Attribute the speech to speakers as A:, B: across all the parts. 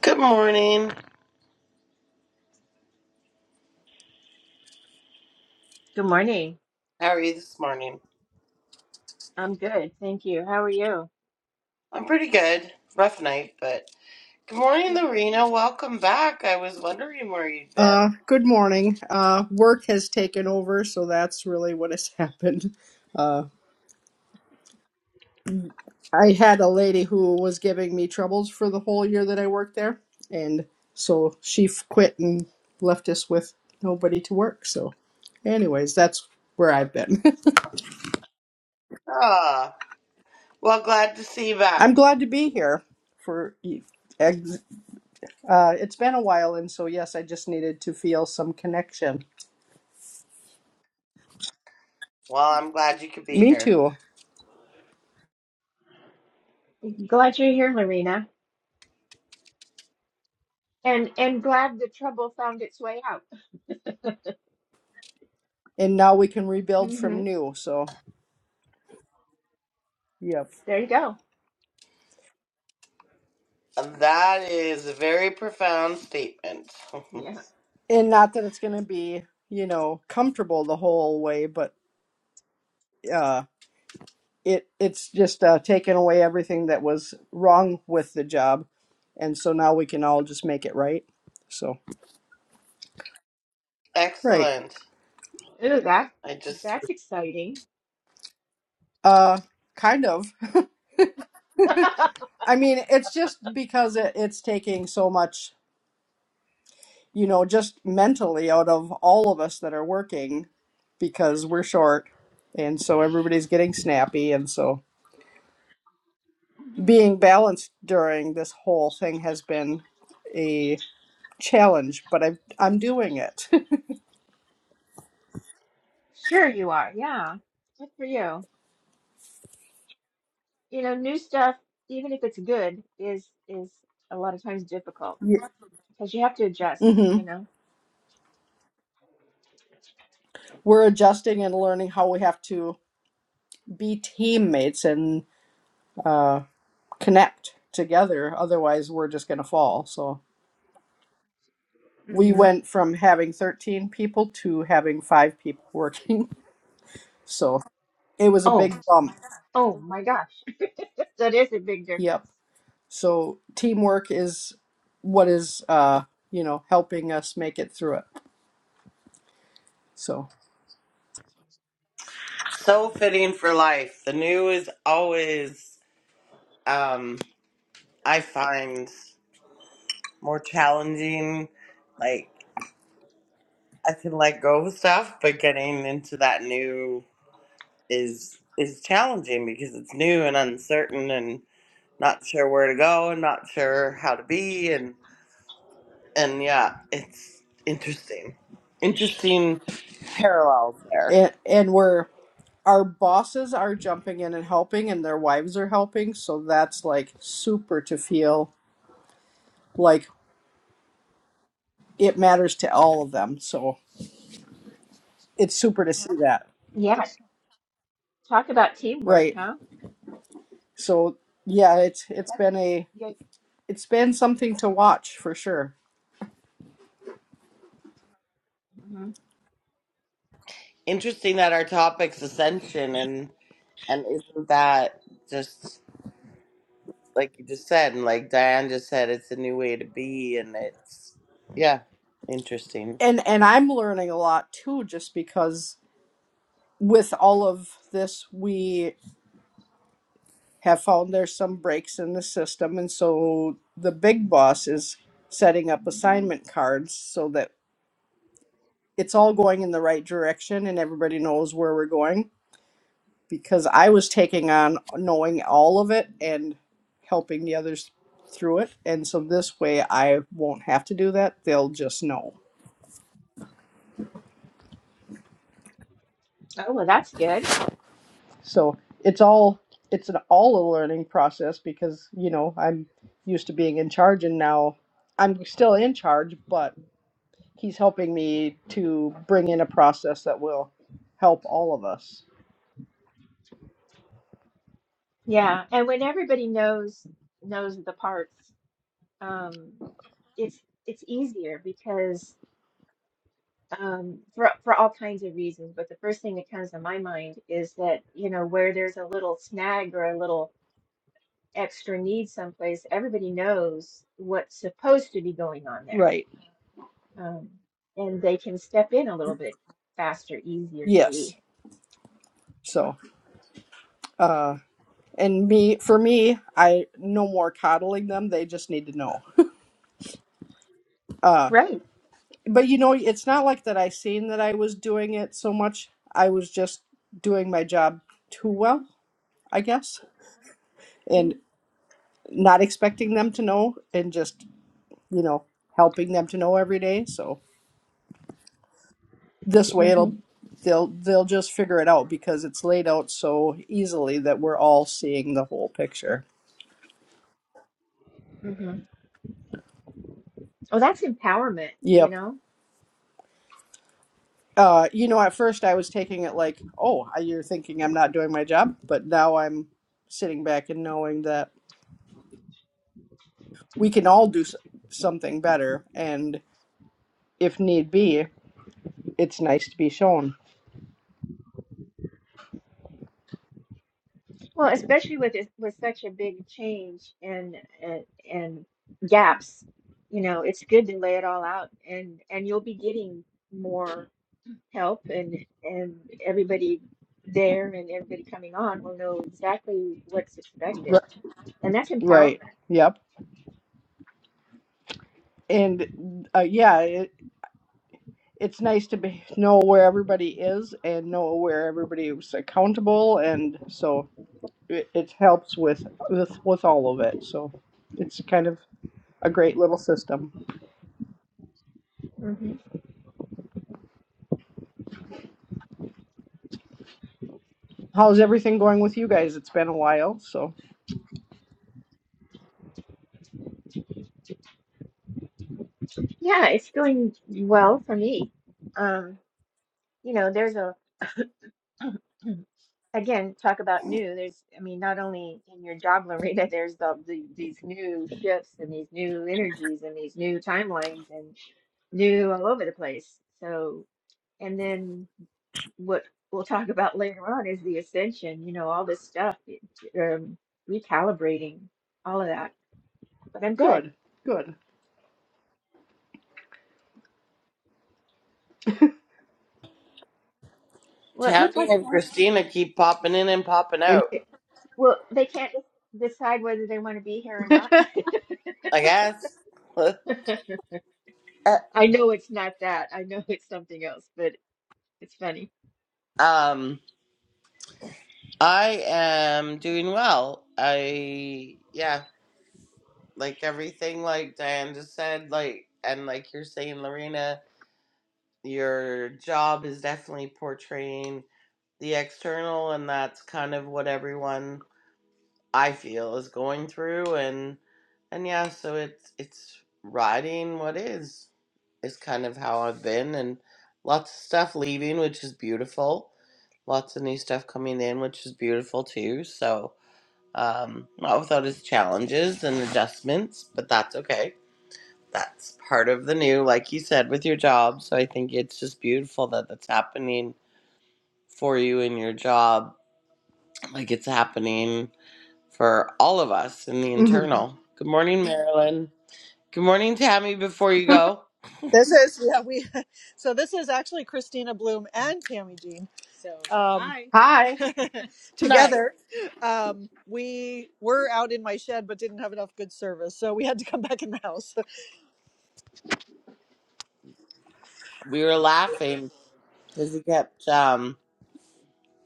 A: Good morning.
B: Good morning.
A: How are you this morning?
B: I'm good. Thank you. How are you?
A: I'm pretty good. Rough night, but good morning,
B: Yeah.
A: Lorena. Welcome back. I was wondering where you'd been.
C: Uh, good morning. Uh, work has taken over, so that's really what has happened. Uh, I had a lady who was giving me troubles for the whole year that I worked there, and so she f- quit and left us with nobody to work. So, anyways, that's where I've been.
A: Ah, well, glad to see you back.
C: I'm glad to be here for e- ex- uh, it's been a while, and so yes, I just needed to feel some connection.
A: Well, I'm glad you could be
C: Me
A: here.
C: too.
B: Glad you're here, Lorena. And and glad the trouble found its way out.
C: And now we can rebuild
B: hmm
C: from new, so yep.
B: There you go.
A: That is a very profound statement.
B: Yeah.
C: and not that it's going to be you know comfortable the whole way but uh it it's just uh taken away everything that was wrong with the job and so now we can all just make it right so right
A: Excellent.
B: Ooh, that
A: I just
B: that's exciting.
C: uh kind of i mean it's just because it, it's taking so much you know just mentally out of all of us that are working because we're short and so everybody's getting snappy and so being balanced during this whole thing has been a challenge, but I'm I'm doing it.
B: Sure you are. Yeah. Good for you. You know, new stuff, even if it's good, is is a lot of times difficult because you have to adjust,
C: hmm
B: you know.
C: We're adjusting and learning how we have to be teammates and uh, connect together. Otherwise, we're just going to fall. So we
B: hmm
C: went from having 13 people to having five people working. So it was a
B: Oh,
C: big bump.
B: oh my gosh. That is a big difference.
C: Yep. So teamwork is what is uh, you know helping us make it through it. So
A: so fitting for life. The new is always, um, I find more challenging. Like I can let go of stuff, but getting into that new is is challenging because it's new and uncertain and not sure where to go and not sure how to be and and yeah, it's interesting. Interesting parallels there.
C: and and we're our bosses are jumping in and helping and their wives are helping so that's like super to feel like it matters to all of them so it's super to see that
B: Yeah. Talk about teamwork,
C: right
B: huh?
C: so yeah it's it's
B: That's
C: been a
B: good.
C: it's been something to watch for sure
A: Interesting that our topic's ascension and and isn't that just like you just said and like Diane just said, it's a new way to be and it's yeah, interesting.
C: and and i'm learning a lot too just because with all of this we have found there's some breaks in the system and so the big boss is setting up assignment cards so that it's all going in the right direction and everybody knows where we're going because I was taking on knowing all of it and helping the others through it. And so this way I won't have to do that. They'll just know.
B: Oh, well, that's good.
C: So it's all it's an all a learning process because, you know, I'm used to being in charge and now I'm still in charge, but he's helping me to bring in a process that will help all of us.
B: Yeah, and when everybody knows knows the parts, um, it's it's easier because um, for for all kinds of reasons. But the first thing that comes to my mind is that you know where there's a little snag or a little extra need someplace, everybody knows what's supposed to be going on there,
C: Right.
B: um, and they can step in a little bit faster, easier, maybe.
C: Yes. So, uh, and me for me i no more coddling them they just need to know uh
B: Right.
C: but you know it's not like that i seen that i was doing it so much i was just doing my job too well i guess and not expecting them to know and just you know helping them to know every day so this way
B: Mm-hmm.
C: it'll they'll they'll just figure it out because it's laid out so easily that we're all seeing the whole picture
B: Mm-hmm. Well, that's empowerment,
C: yep
B: you know.
C: Uh, you know, at first I was taking it like, oh, you're thinking I'm not doing my job, but now I'm sitting back and knowing that we can all do s- something better, and if need be, it's nice to be shown.
B: Well, especially with it- with such a big change and and and gaps, you know, it's good to lay it all out and and you'll be getting more help and and everybody there and everybody coming on will know exactly what's expected.
C: R-
B: And that's
C: right.
B: empowerment.
C: Yep. And uh, yeah, it, it's nice to be know where everybody is and know where everybody was accountable, and so it, it helps with, with with all of it. So it's kind of a great little system.
B: hmm
C: How's everything going with you guys? It's been a while, so
B: Yeah, it's going well for me. Um, you know, there's a again, talk about new. There's, I mean, not only in your job, Lorena, there's the, the these new shifts and these new energies and these new timelines and new all over the place. So, and then what we'll talk about later on is the ascension, you know, all this stuff, um, recalibrating, all of that. But I'm good.
C: good, good.
B: Well, it looks
A: Tammy
B: like,
A: and Christina keep popping in and popping
C: And
A: out.
B: well, they can't de- decide whether they want to be here or not.
A: I guess.
B: I know it's not that. I know it's something else, but it's funny.
A: um, I am doing well. I yeah, like everything like Diane just said, like and like you're saying, Lorena, your job is definitely portraying the external, and that's kind of what everyone I feel is going through and and yeah, so it's it's riding what is is kind of how I've been and lots of stuff leaving which is beautiful. Lots of new stuff coming in which is beautiful too. So um not without its challenges and adjustments, but that's okay. That's part of the new, like you said, with your job. So I think it's just beautiful that that's happening for you in your job. Like it's happening for all of us in the
C: Mhm.
A: internal. Good morning, Marilyn. Good morning, Tammy. Before you go,
D: This is yeah we so this is actually Christina Bloom and Tammy Jean. So um, hi.
C: hi,
A: Night.
D: together, um, we were out in my shed but didn't have enough good service, so we had to come back in the house.
A: we were laughing because he kept um,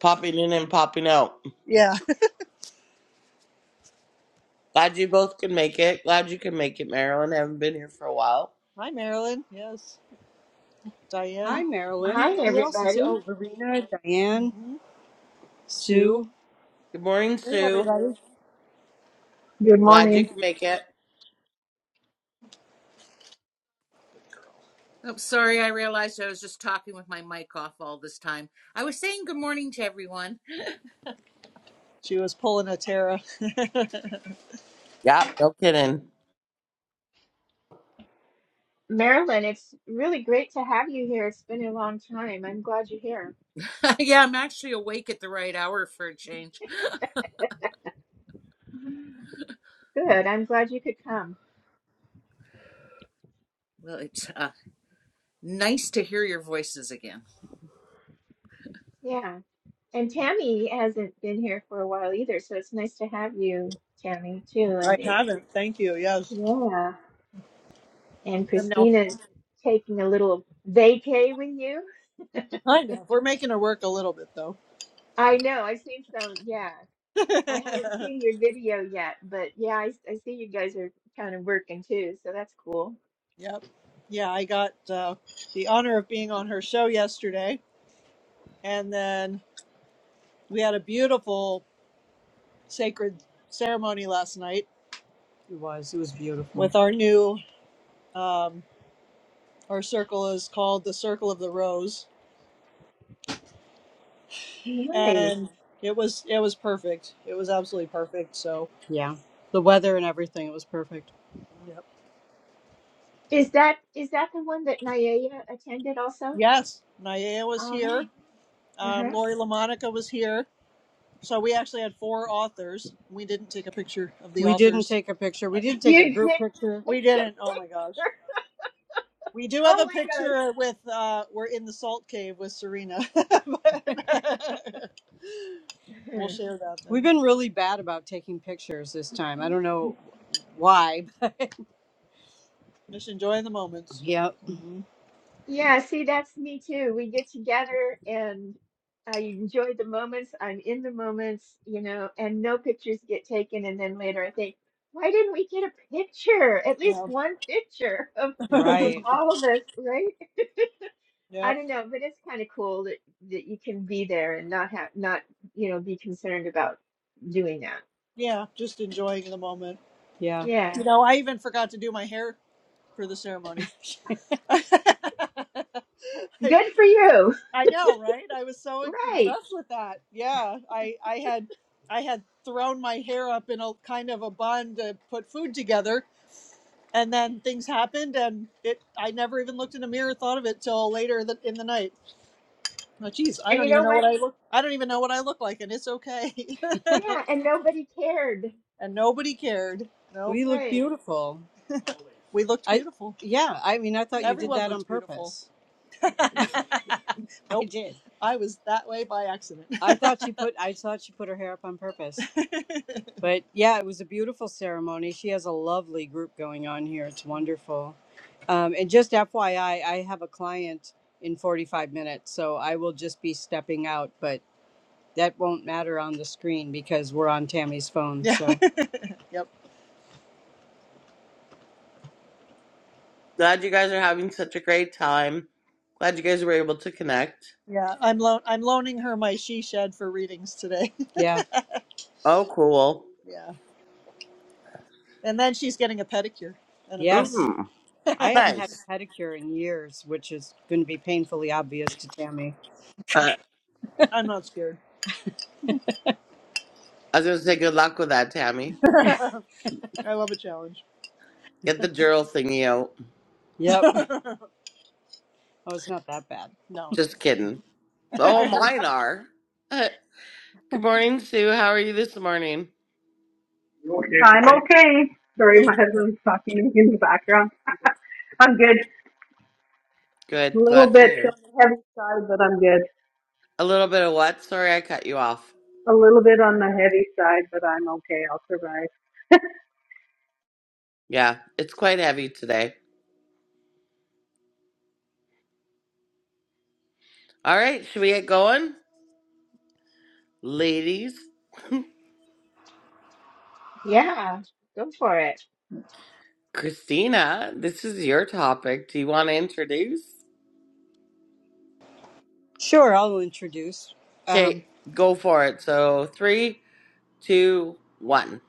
A: popping in and popping out.
D: Yeah.
A: Glad you both could make it. Glad you could make it, Marilyn. Haven't been here for a while.
D: Hi Marilyn. Yes. Diane.
B: Uh,
D: Hi Marilyn.
B: Hi,
D: Who else is it?
B: everybody.
D: Oh, Verena, Diane, Mhm. Sue.
A: Good morning, Sue.
D: Everybody.
E: Good
A: Glad you
E: morning.
A: could make it.
F: I'm sorry, I realized I was just talking with my mic off all this time. I was saying good morning to everyone.
D: She was pulling a Tara.
A: Yep, no kidding.
B: Marilyn, it's really great to have you here. It's been a long time. I'm glad you're here.
F: yeah, I'm actually awake at the right hour for a change.
B: Good. I'm glad you could come.
F: Well, it's uh, nice to hear your voices again.
B: Yeah. And Tammy hasn't been here for a while either, so it's nice to have you, Tammy, too.
D: I
B: And it,
D: haven't. Thank you. Yes.
B: yeah. And
D: I'm now
B: Christina's taking a little vacay with you.
D: kind of. We're making her work a little bit though.
B: I know. I've seen some. Yeah. I haven't seen your video yet, but yeah, I, I see you guys are kind of working too, so that's cool.
D: Yep. Yeah, I got uh, the honor of being on her show yesterday. And then we had a beautiful sacred ceremony last night It was. It was beautiful. with our new, um, our circle is called the Circle of the Rose.
B: Nice.
D: And it was, it was perfect. It was absolutely perfect. So, Yeah. The weather and everything. It was perfect. yep.
B: Is that is that the one that Nayaya attended also?
D: yes, Naya was here.
B: Um,
D: Um,
B: uh-huh.
D: Lori LaMonica was here. So we actually had four authors. We didn't take a picture of the We didn't authors. take a picture. We did take
B: You
D: a
B: didn't
D: group picture. We
B: take a picture.
D: didn't. Oh my gosh. We do have
B: Oh
D: a
B: my
D: picture with uh we're in the salt cave with Serena. But
B: God.
D: we'll
B: Uh-huh.
D: share that We've then. been really bad about taking pictures this time. I don't know why. Just enjoying the moments. Yep. hmm
B: Yeah, see, that's me too. We get together and I enjoy the moments. I'm in the moments, you know, and no pictures get taken. And then later I think, why didn't we get a picture? At least
D: Yeah.
B: one picture of of
D: Right.
B: all of us, right? I
D: yep.
B: don't know, but it's kind of cool that that you can be there and not have not, you know, be concerned about doing that.
D: Yeah, just enjoying the moment. Yeah. You
B: Yeah.
D: know, I even forgot to do my hair for the ceremony. I
B: Good for you.
D: I know, right? I was so
B: Right.
D: impressed with that. Yeah, I I had I had thrown my hair up in a kind of a bun to put food together, and then things happened, and it I never even looked in a mirror, thought of it till later th- in the night. Oh, geez, I
B: And
D: don't
B: you
D: even
B: know
D: know
B: what?
D: what I look. I don't even know what I look like, and it's okay.
B: Yeah, and nobody cared.
D: and nobody cared. Nope, We look
B: Right.
D: beautiful. we looked I beautiful. yeah, I mean I thought you did
B: Yeah.
D: Everyone that on looked beautiful. purpose. Nope. I Nope. did. I was that way by accident. I thought she put I thought she put her hair up on purpose. But yeah, it was a beautiful ceremony. She has a lovely group going on here. It's wonderful. Um, and just FYI, I I have a client in 45 minutes, so I will just be stepping out, but that won't matter on the screen because we're on Tammy's phone. yeah. So Yep.
A: Glad you guys are having such a great time. Glad you guys were able to connect.
D: Yeah. I'm loan I'm loaning her my she shed for readings today. yeah,
A: Oh, cool.
D: yeah. And then she's getting a pedicure and a yes.
A: Mm,
D: I haven't had
A: nice.
D: a pedicure in years, which is going to be painfully obvious to Tammy.
A: Uh,
D: I'm not scared.
A: I was going to say good luck with that, Tammy.
D: I love a challenge.
A: Get the journal thingy out.
D: Yep. Oh, it's not that bad. no.
A: Just kidding. Oh, mine are. Uh, good morning, Sue. How are you this morning?
E: You okay I'm okay. Sorry,
D: Feel
E: my husband's talking to me in the background.
D: weird.
E: I'm good. A
A: Good.
E: little
A: Glad to
E: bit
A: hear.
E: on the heavy side, but I'm good.
A: A little bit of what? Sorry, I cut you off.
E: A little bit on the heavy side, but I'm okay. I'll survive.
A: Yeah, it's quite heavy today. All right, should we get going? Ladies,
B: Yeah. Go for it.
A: Christina, this is your topic. Do you want to introduce?
D: Sure, I'll introduce. Um,
A: Okay, go for it. So, three, two, one.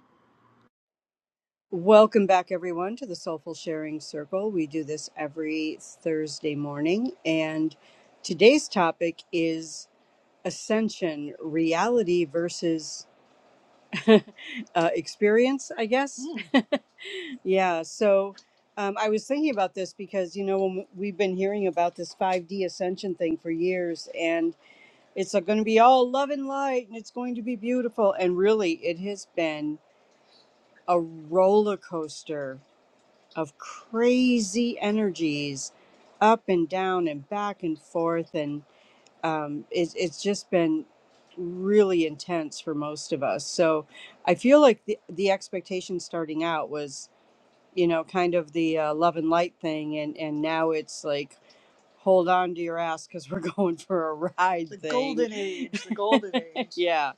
D: welcome back, everyone, to the Soulful Sharing Circle. We do this every Thursday morning, and today's topic is ascension, reality versus uh, experience, I guess. Yeah, so um, I was thinking about this because, you know, when we've been hearing about this 5D ascension thing for years, and it's going to be all love and light and it's going to be beautiful. And really, it has been a roller coaster of crazy energies up and down and back and forth. And um, it, it's just been really intense for most of us. So I feel like the, the expectation starting out was you know, kind of the uh, love and light thing, and and now it's like, hold on to your ass because we're going for a ride The thing. golden age, the golden age. yeah,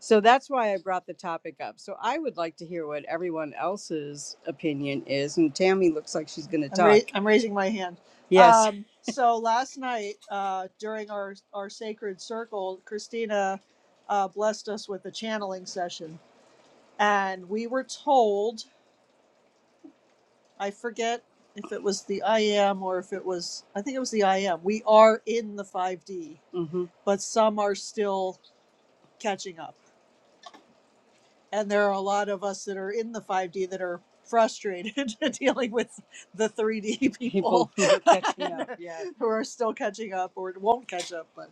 D: so that's why I brought the topic up. So I would like to hear what everyone else's opinion is, and Tammy looks like she's going to i ra- talk. I'm raising my hand. Yes. Um, so last night uh, during our our sacred circle, Christina uh, blessed us with a channeling session, and we were told I forget if it was the IM or if it was, I think it was the IM. We are in the 5D, hmm but some are still catching up. And there are a lot of us that are in the 5D that are frustrated dealing with the 3D People people who are catching up. Yeah. who are still catching up or won't catch up. But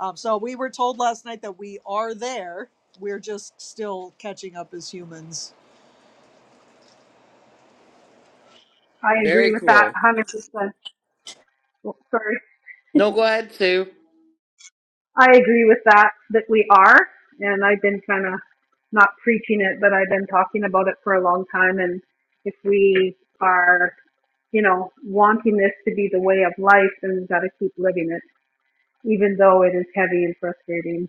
D: um, so we were told last night that we are there. We're just still catching up as humans.
E: I agree
A: Very
E: with that
A: cool.
E: 100%. Well, Sorry.
A: No, go ahead, Sue.
E: I agree with that, that we are. And I've been kind of not preaching it, but I've been talking about it for a long time. And if we are, you know, wanting this to be the way of life, then we've got to keep living it, even though it is heavy and frustrating.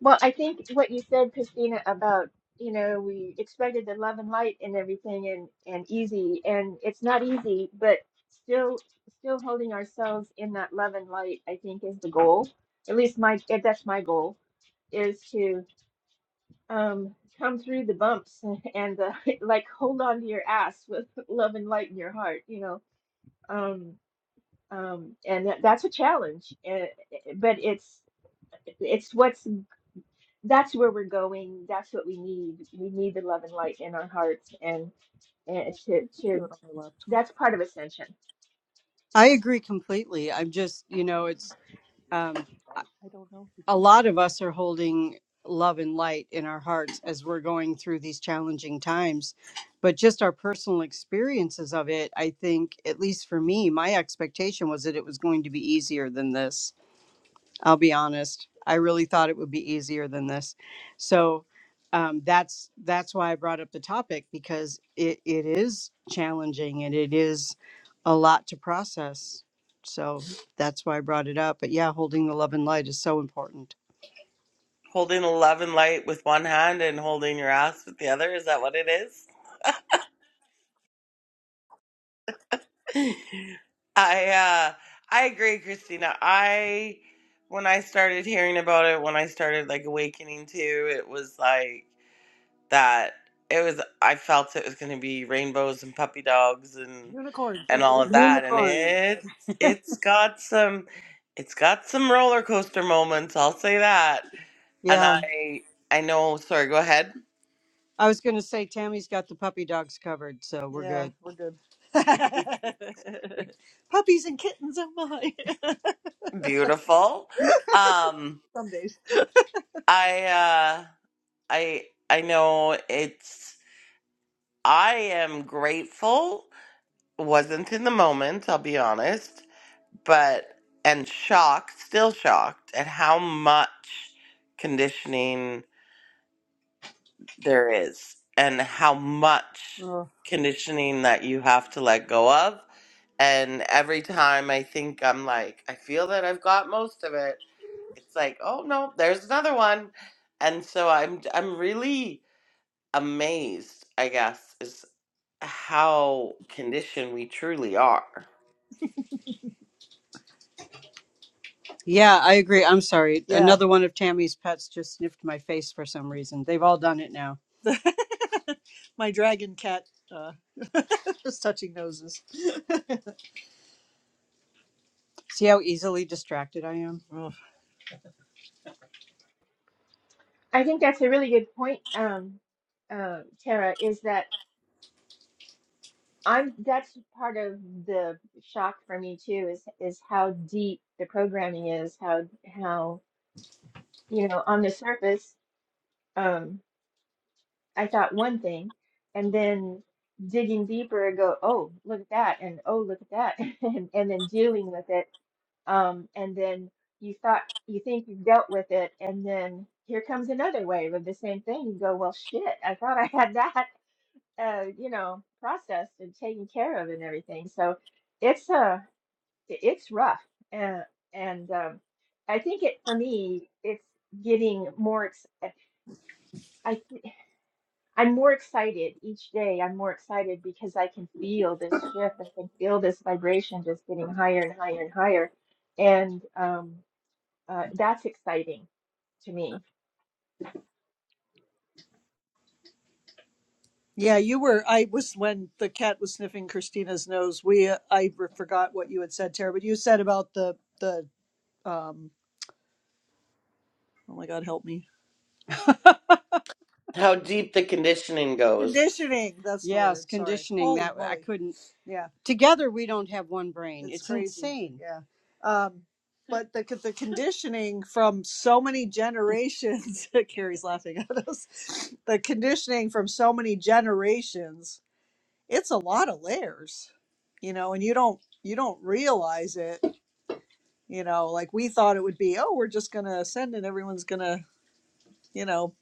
B: Well, I think what you said, Christina, about, you know, we expected the love and light and everything and, and easy, and it's not easy, but still, still holding ourselves in that love and light, I think is the goal. At least my, eh, that's my goal is to um, come through the bumps and uh, like hold on to your ass with love and light in your heart, you know. Um, um, and that, that's a challenge, Uh, eh, eh, but it's, it's what's that's where we're going. That's what we need. We need the love and light in our hearts, and and to to that's part of ascension.
D: I agree completely. I'm just, you know, it's um a lot of us are holding love and light in our hearts as we're going through these challenging times but just our personal experiences of it i think at least for me my expectation was that it was going to be easier than this i'll be honest i really thought it would be easier than this so um, that's that's why i brought up the topic because it, it is challenging and it is a lot to process so that's why i brought it up but yeah holding the love and light is so important
A: Holding a love and light with one hand and holding your ass with the other. Is that what it is? I uh I agree, Christina. I when I started hearing about it, when I started like awakening to, it was like that it was I felt it was going to be rainbows and puppy dogs and
D: Unicorns.
A: and
D: Don't
A: all
D: forget
A: of
D: the
A: that and
D: unicorns.
A: it's it's got some it's got some roller coaster moments, I'll say that. And
D: Yeah.
A: I I know, sorry, go ahead.
D: I was going to say Tammy's got the puppy dogs covered, so we're Yeah, good. we're good. Puppies and kittens, oh my.
A: Beautiful. Um
D: Some days.
A: I uh I I know it's I am grateful. Wasn't in the moment, I'll be honest, but and shocked, still shocked at how much conditioning there is and how much
D: Oh.
A: conditioning that you have to let go of. And every time I think I'm like, I feel that I've got most of it, it's like, oh no, there's another one. And so I'm I'm really amazed, I guess, is how conditioned we truly are.
D: Yeah, I agree. I'm sorry. Yeah, Another one of Tammy's pets just sniffed my face for some reason. They've all done it now. my dragon cat uh, was touching noses. See how easily distracted I am?
B: I think that's a really good point, um, uh, Tara. Is that I'm that's part of the shock for me too. Is is how deep the programming is. How how you know on the surface, um, I thought one thing, and then digging deeper, I go, oh look at that, and oh look at that, and and then dealing with it um, and then you thought you think you've dealt with it, and then here comes another wave of the same thing. You go, well, shit, I thought I had that, uh, you know, processed and taken care of and everything. So it's uh, i- it's rough, uh, and um, I think it for me, it's getting more. Ex I th- I'm more excited each day. I'm more excited because I can feel this shift. I can feel this vibration just getting higher and higher and higher, and um uh, that's exciting to me.
D: Yeah, you were. I was when the cat was sniffing Christina's nose. We uh, I re- forgot what you had said, Tara, but you said about the the um. Oh my God, help me!
A: How deep the conditioning goes.
D: Conditioning. That's the Yes, word. Sorry. conditioning Holy that I moly! couldn't. Yeah, Together we don't have one brain. it's It's crazy. insane. Yeah. Um, but the the conditioning from so many generations. Carrie's laughing at us. The conditioning from so many generations it's a lot of layers you know and you don't you don't realize it you know like we thought it would be oh we're just going to ascend and everyone's going to you know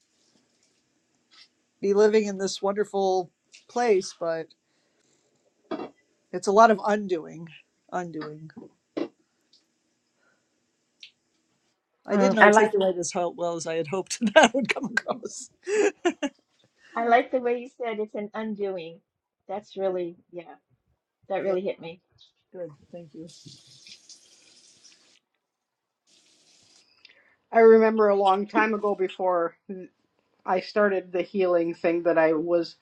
D: be living in this wonderful place but it's a lot of undoing undoing i
B: Mm,
D: didn't
B: I like
D: articulate as ho- well as i had hoped that would come across
B: I like the way you said it's an undoing. That's really, yeah, that
D: yeah
B: really hit me.
D: good thank you
C: I remember a long time ago before I started the healing thing that I was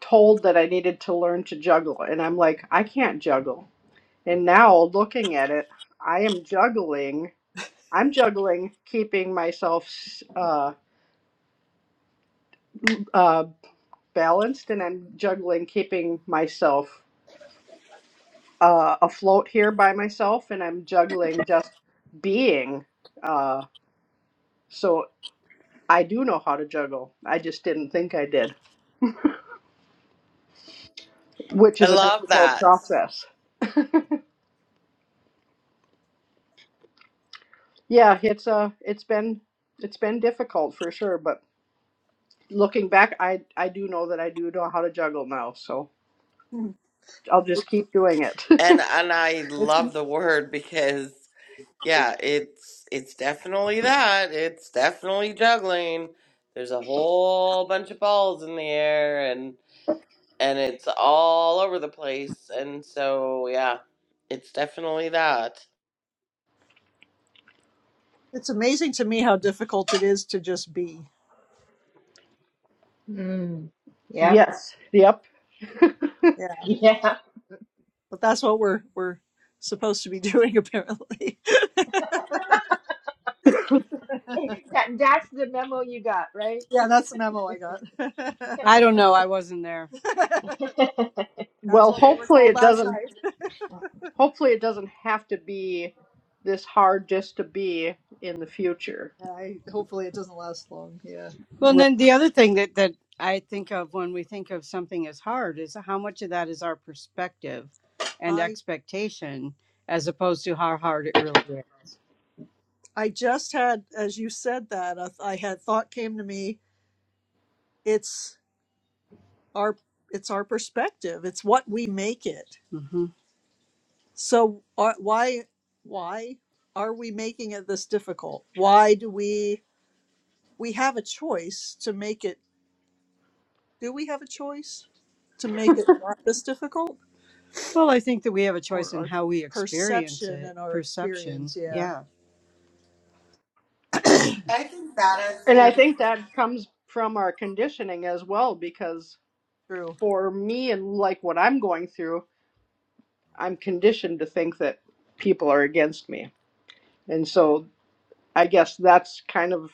C: told that I needed to learn to juggle, and I'm like, I can't juggle. And now looking at it, I am juggling. I'm juggling keeping myself uh, uh, balanced and I'm juggling keeping myself uh, afloat here by myself and I'm juggling just being. Uh, so I do know how to juggle. I just didn't think I did, which
A: I
C: is a
A: love
C: difficult
A: that.
C: process. Yeah, it's uh it's been it's been difficult for sure, but looking back I I do know that I do know how to juggle now, so I'll just keep doing it.
A: And and I
D: it's
A: love the word because yeah, it's it's definitely that. It's definitely juggling. There's a whole bunch of balls in the air and and it's all over the place. And so yeah, it's definitely that.
D: it's amazing to me how difficult it is to just be
B: mm, yeah,
C: Yes. Yep.
D: yeah
B: yeah.
D: but that's what we're we're supposed to be doing apparently
B: That that's the memo you got, right?
D: Yeah, that's the memo I got. I don't know. I wasn't there. that's
C: Well,
D: what we were
C: hopefully
D: told
C: it
D: last
C: doesn't.
D: night.
C: Hopefully it doesn't have to be this hard just to be in the future.
D: I hopefully it doesn't last long. Yeah. Well, and
C: Right.
D: then the other thing that that I think of when we think of something as hard is how much of that is our perspective and I expectation as opposed to how hard it really is. I just had, as you said that, a, I had thought came to me. It's our it's our perspective. It's what we make it. So are, why why are we making it this difficult? Why do we we have a choice to make it? Do we have a choice to make it not this difficult? Well, I think that we have a choice Or in our how we experience perception it, and our perception. experience, yeah, Yeah.
A: I think that
C: And I
D: carry
A: is.
C: think that comes from our conditioning as well, because
D: through
C: for me and like what I'm going through, I'm conditioned to think that people are against me, and so I guess that's kind of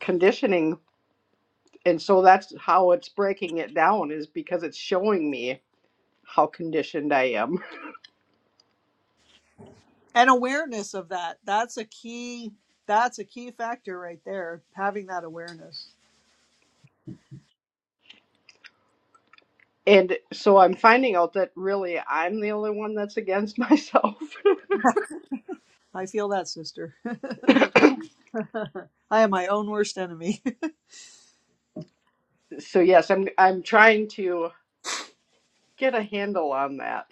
C: conditioning and so that's how it's breaking it down is because it's showing me how conditioned I am.
D: and awareness of that. That's a key. That's a key factor right there. Having that awareness.
C: And so I'm finding out that really I'm the only one that's against myself.
D: I feel that, sister. I am my own worst enemy.
C: so yes, I'm I'm trying to get a handle on that.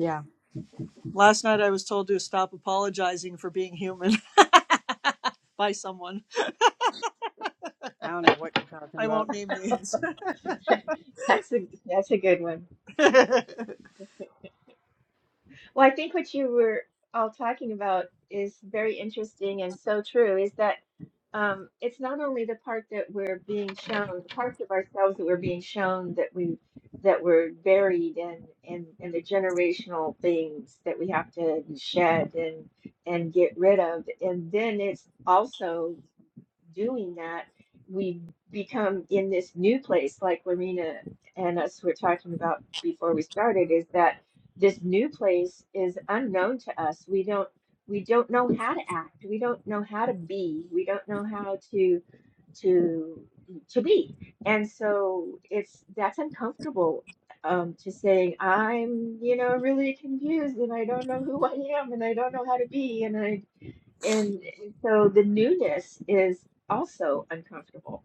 D: Last night I was told to stop apologizing for being human by someone. I don't know what you're talking I won't about. name names.
B: That's a that's a good one. Well, I think what you were all talking about is very interesting and so true is that um, it's not only the part that we're being shown, the parts of ourselves that we're being shown that we that we're buried in in, in the generational things that we have to shed and and get rid of. And then it's also doing that, we become in this new place, like Lorena and us were talking about before we started, is that this new place is unknown to us. We don't we don't know how to act. We don't know how to be. We don't know how to to to be. And so it's that's uncomfortable um, to saying I'm you know really confused and I don't know who I am and I don't know how to be and I and, and so the newness is also uncomfortable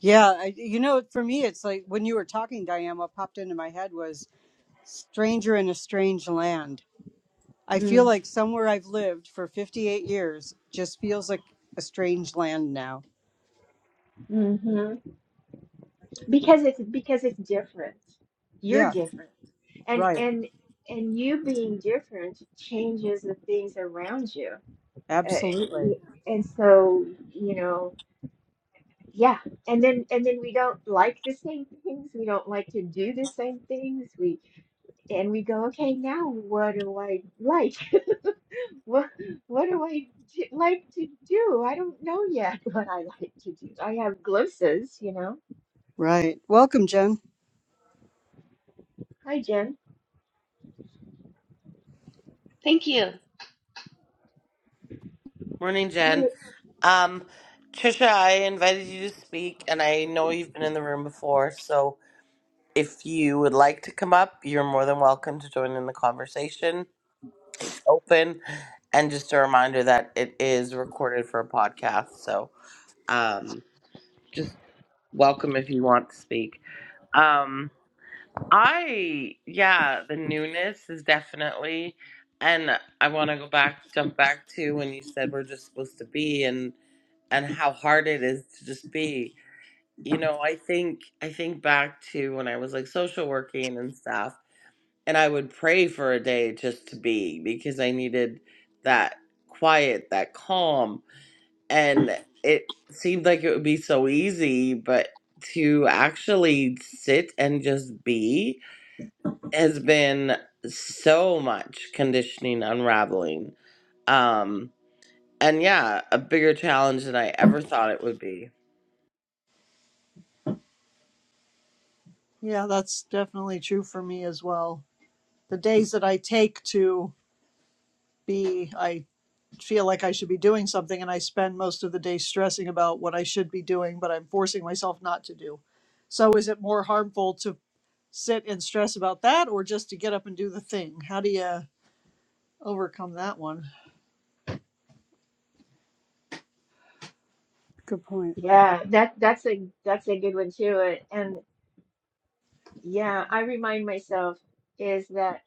D: Yeah, I, you know, for me, it's like when you were talking, Diane, what popped into my head was stranger in a strange land. I feel
B: Mm,
D: like somewhere I've lived for 58 years just feels like a strange land now.
B: hmm because it's because it's different. You're
D: Yeah,
B: different. And
D: right.
B: and and you being different changes the things around you. Uh,
D: Absolutely.
B: and so, you know, yeah. And then and then we don't like the same things. We don't like to do the same things. We and we go, okay, now what do I like? What what do I d like to do? I don't know yet what I like to do. I have glimpses, you know.
D: Right. Welcome, Jen.
B: Hi, Jen.
G: Thank you.
A: Morning,
B: Mm,
A: Jen. Um, Trisha, I invited you to speak, and I know you've been in the room before, so if you would like to come up, you're more than welcome to join in the conversation. It's open, and just a reminder that it is recorded for a podcast, so um, just welcome if you want to speak. Um, I, yeah, the newness is definitely, and I want to go back, jump back to when you said we're just supposed to be, and. and how hard it is to just be you know i think i think back to when i was like social working and stuff and i would pray for a day just to be because i needed that quiet that calm and it seemed like it would be so easy but to actually sit and just be has been so much conditioning unraveling um and yeah a bigger challenge than i ever thought it would be
D: yeah, that's definitely true for me as well. The days that I take to be, I feel like I should be doing something and I spend most of the day stressing about what I should be doing, but I'm forcing myself not to do. So is it more harmful to sit and stress about that or just to get up and do the thing? How do you overcome that one? Good point.
B: Yeah, that that's a that's a good one too. And, and yeah, I remind myself is that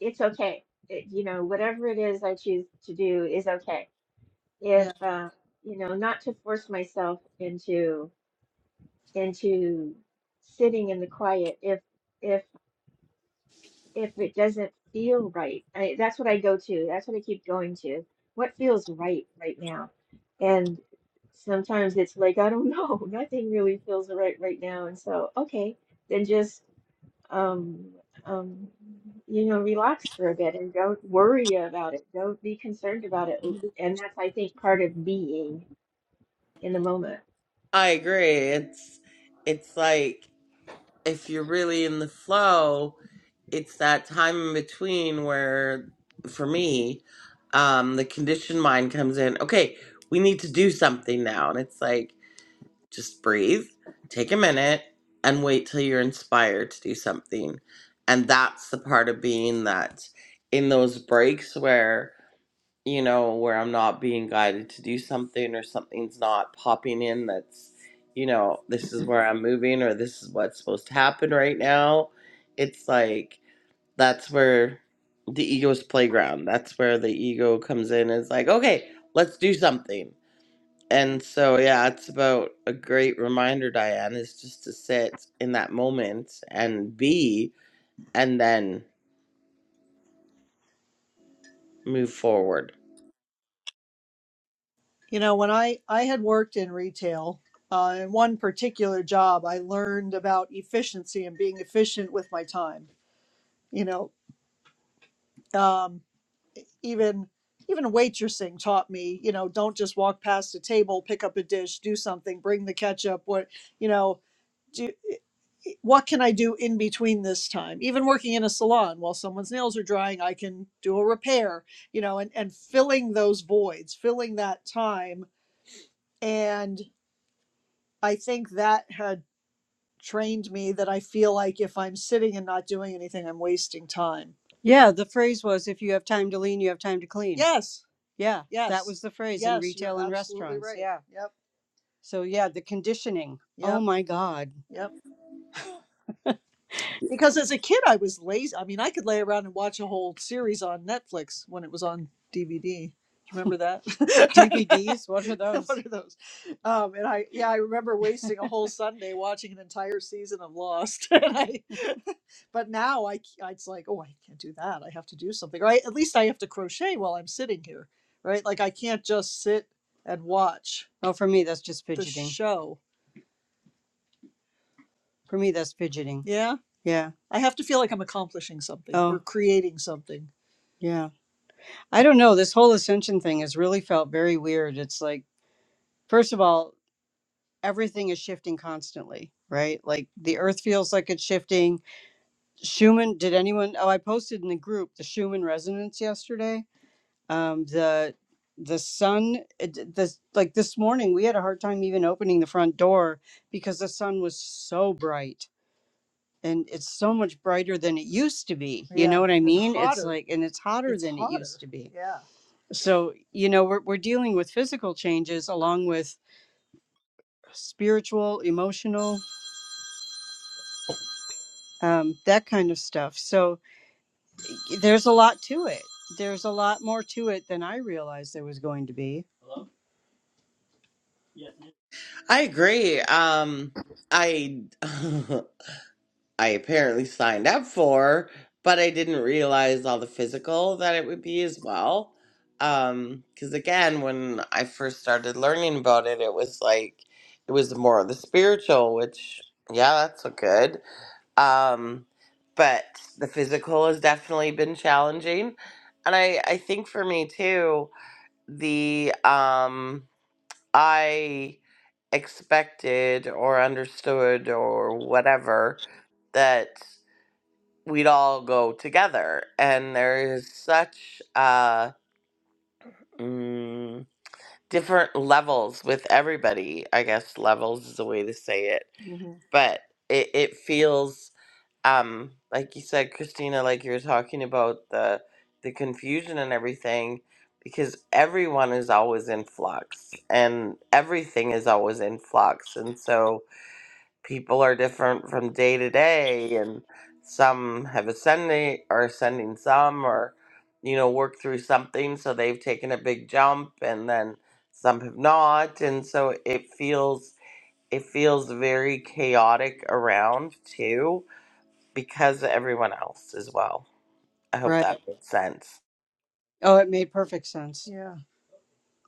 B: it's okay. It, you know, whatever it is I choose to do is okay. If
D: Yeah.
B: uh, you know, not to force myself into into sitting in the quiet. If if if it doesn't feel right. I, that's what I go to. That's what I keep going to. What feels right right now? And sometimes it's like, I don't know, nothing really feels right right now. And so, okay, then just um um you know, relax for a bit and don't worry about it. Don't be concerned about it. And that's, I think, part of being in the moment.
A: I agree. It's it's like if you're really in the flow, it's that time in between where for me, um, the conditioned mind comes in, okay, we need to do something now. And it's like, just breathe, take a minute, and wait till you're inspired to do something. And that's the part of being that in those breaks where you know, where I'm not being guided to do something or something's not popping in that's, you know, this is where I'm moving or this is what's supposed to happen right now. It's like that's where the ego's playground. That's where the ego comes in. It's like, okay, let's do something. And so, yeah, it's about a great reminder, Diane, is just to sit in that moment and be and then move forward.
D: You know, when I I had worked in retail, uh, in one particular job, I learned about efficiency and being efficient with my time. You know, um, even even waitressing taught me you know don't just walk past a table pick up a dish do something bring the ketchup what you know do what can i do in between this time even working in a salon while someone's nails are drying i can do a repair you know and and filling those voids filling that time and i think that had trained me that I feel like if I'm sitting and not doing anything, I'm wasting time. Yeah, the phrase was if you have time to lean, you have time to clean. Yes, Yeah, yes. that yes, was the phrase in yes, you retail and restaurants. right. Yeah. Yep, So, yeah, the conditioning. Yep. Oh yep, my God. yep. Because as a kid, I was lazy. I mean, I could lay around and watch a whole series on Netflix when it was on DVD. remember that? DVDs, what are those? What are those? Um, and I, yeah, I remember wasting a whole Sunday watching an entire season of Lost. and I, but now I, I, it's like oh i can't do that i have to do something right at least i have to crochet while i'm sitting here right like i can't just sit and watch Oh, for me, that's just the fidgeting. The show For me, that's fidgeting. yeah Yeah. i have to feel like i'm accomplishing something Oh. or creating something Yeah. I don't know. This whole ascension thing has really felt very weird. It's like, first of all, everything is shifting constantly, right? Like the earth feels like it's shifting. Schumann, did anyone? Oh, I posted in the group the Schumann resonance yesterday. um the the sun it- the like this morning we had a hard time even opening the front door because the sun was so bright and it's so much brighter than it used to be you know Yeah, what i it's mean it's hotter. like and it's hotter It's than it used hotter. to be Yeah. so you know we're, we're dealing with physical changes along with spiritual emotional um, that kind of stuff so y- there's a lot to it there's a lot more to it than i realized there was going to be
A: I agree. Um, I I apparently signed up for, but I didn't realize all the physical that it would be as well. Um, because again, when I first started learning about it, it was like it was more of the spiritual, which yeah, that's so good. Um, but the physical has definitely been challenging, and I I think for me too, the um I expected or understood or whatever that we'd all go together and there is such uh mm, different levels with everybody i guess levels is a way to say it
D: hmm
A: but it, it feels um like you said christina like you were talking about the the confusion and everything because everyone is always in flux and everything is always in flux and so people are different from day to day and some have ascending are ascending some or you know work through something so they've taken a big jump and then some have not and so it feels it feels very chaotic around too because of everyone else as well i hope that makes sense
D: Oh, it made perfect sense. Yeah.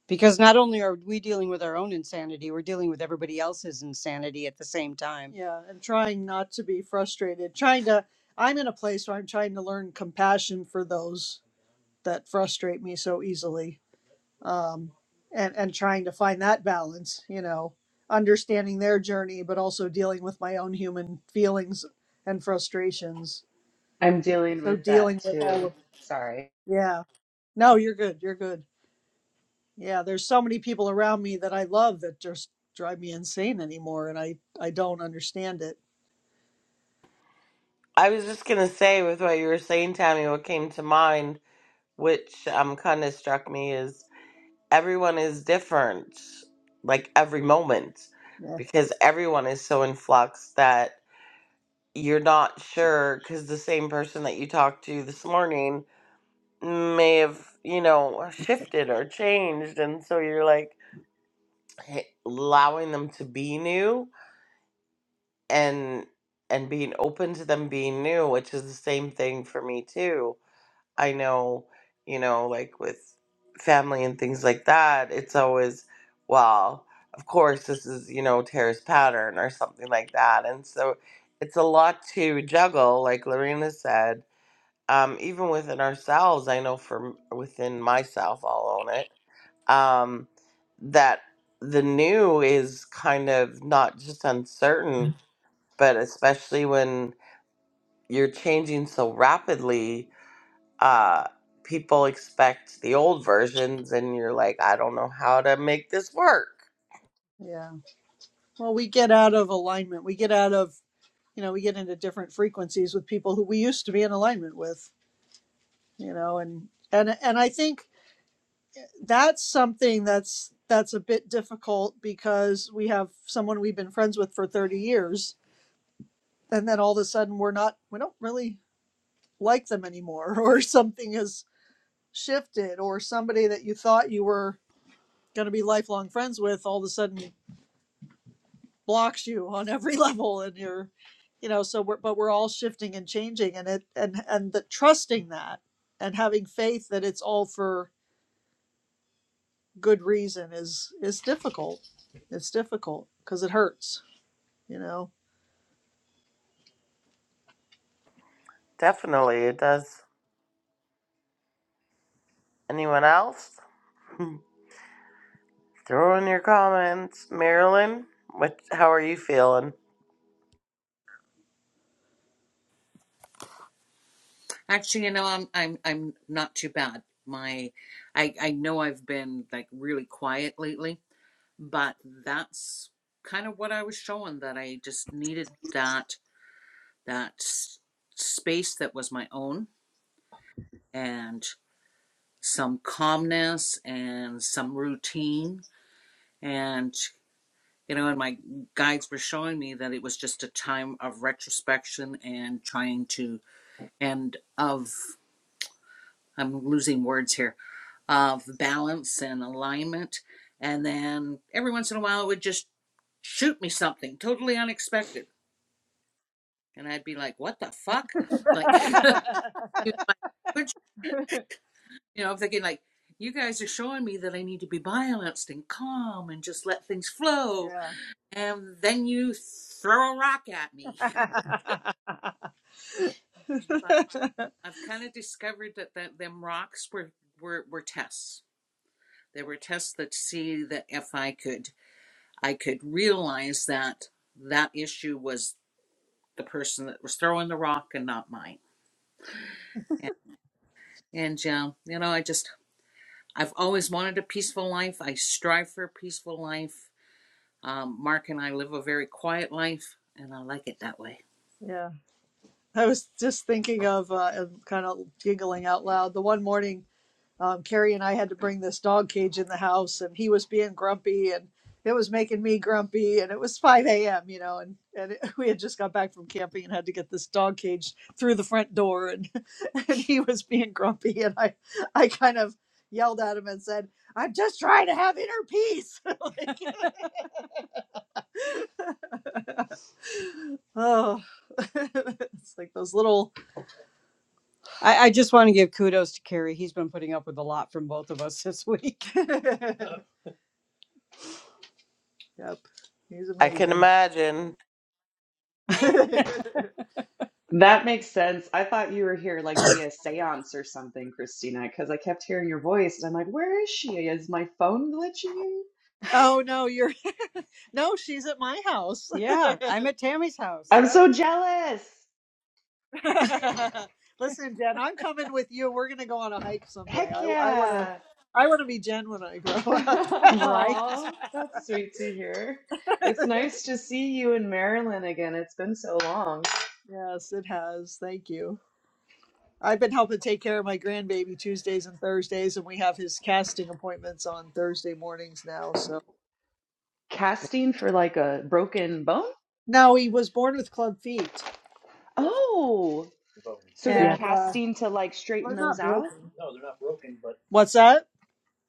D: Because not only are we dealing with our own insanity, we're dealing with everybody else's insanity at the same time. Yeah. And trying not to be frustrated. Trying to, I'm in a place where I'm trying to learn compassion for those that frustrate me so easily. Um, and, and trying to find that balance, you know, understanding their journey, but also dealing with my own human feelings and frustrations.
G: I'm
D: So dealing with all of,
G: sorry.
D: yeah. No, you're good. You're good. Yeah, there's so many people around me that I love that just drive me insane anymore, and I I don't understand it.
A: i was just going to say with what you were saying tammy what came to mind which um kind of struck me is everyone is different, like every moment,
D: Yeah,
A: because everyone is so in flux that you're not sure. Because the same person that you talked to this morning may have, you know, shifted or changed, and so you're like h- allowing them to be new and and being open to them being new, which is the same thing for me too I know, you know, like with family and things like that, it's always, well, of course, this is, you know, Tara's pattern or something like that. And so it's a lot to juggle, like Lorena said. Um, even within ourselves, I know from within myself, I'll own it, um, that the new is kind of not just uncertain, but especially when you're changing so rapidly, uh, people expect the old versions, and you're like, I don't know how to make this work.
D: yeah. Well, we get out of alignment. We get out of you know we get into different frequencies with people who we used to be in alignment with. You know, and and and I think that's something that's that's a bit difficult because we have someone we've been friends with for 30 years, and then all of a sudden we're not we don't really like them anymore, or something has shifted, or somebody that you thought you were going to be lifelong friends with all of a sudden blocks you on every level and you're you know so we're but we're all shifting and changing and it and and the trusting that and having faith that it's all for good reason is is difficult it's difficult because it hurts you know
A: Definitely, it does. Anyone else? Throw in your comments, Marilyn. What? How are you feeling?
F: Actually, you know, I'm I'm I'm not too bad. My, I I know I've been like really quiet lately, but that's kind of what I was showing that I just needed that that s- space that was my own and. some calmness and some routine. And, you know, and my guides were showing me that it was just a time of retrospection and trying to, and of, I'm losing words here, of balance and alignment. And then every once in a while it would just shoot me something totally unexpected. And I'd be like, what the fuck? Like, you know, I'm thinking, like, you guys are showing me that I need to be balanced and calm and just let things flow
D: yeah
F: And then you throw a rock at me. But I've kind of discovered that, that them rocks were, were, were tests. They were tests that see that if I could I could realize that that issue was the person that was throwing the rock and not mine. And, and um, you know, I just I've always wanted a peaceful life. I strive for a peaceful life. Um, Mark and I live a very quiet life, and I like it that way.
D: yeah i was just thinking of uh, and kind of giggling out loud the one morning um, Carrie and I had to bring this dog cage in the house, and he was being grumpy, and it was making me grumpy, and it was 5 a.m., you know, and and it, we had just got back from camping and had to get this dog cage through the front door, and and he was being grumpy, and I I kind of yelled at him and said, "I'm just trying to have inner peace." Oh, it's like those little I, I just want to give kudos to Carrie. He's been putting up with a lot from both of us this week. yep, he's
A: I can
D: amazing.
A: imagine.
G: That makes sense. I thought you were here like via seance or something, Christina, because I kept hearing your voice and I'm like, where is she? Is my phone glitching?
D: Oh no, you're no, she's at my house. Yeah, I'm at Tammy's house.
G: I'm
D: Yep.
G: so jealous.
D: Listen, Jen, I'm coming with you. We're gonna go on a hike someday.
G: Heck
D: I I wanna
G: yeah.
D: I wanna be Jen when I grow up. Right?
G: Aw, that's sweet to hear. It's nice to see you in Maryland again. It's been so long.
D: yes, it has. Thank you. I've been helping take care of my grandbaby Tuesdays and Thursdays, and we have his casting appointments on Thursday mornings now. So
G: Casting for like a broken bone?
D: no, he was born with club feet,
G: Oh, so they're
D: Yeah. and uh,
G: casting to like straighten
D: we're
G: those
D: not
G: out?
D: broken. What's that?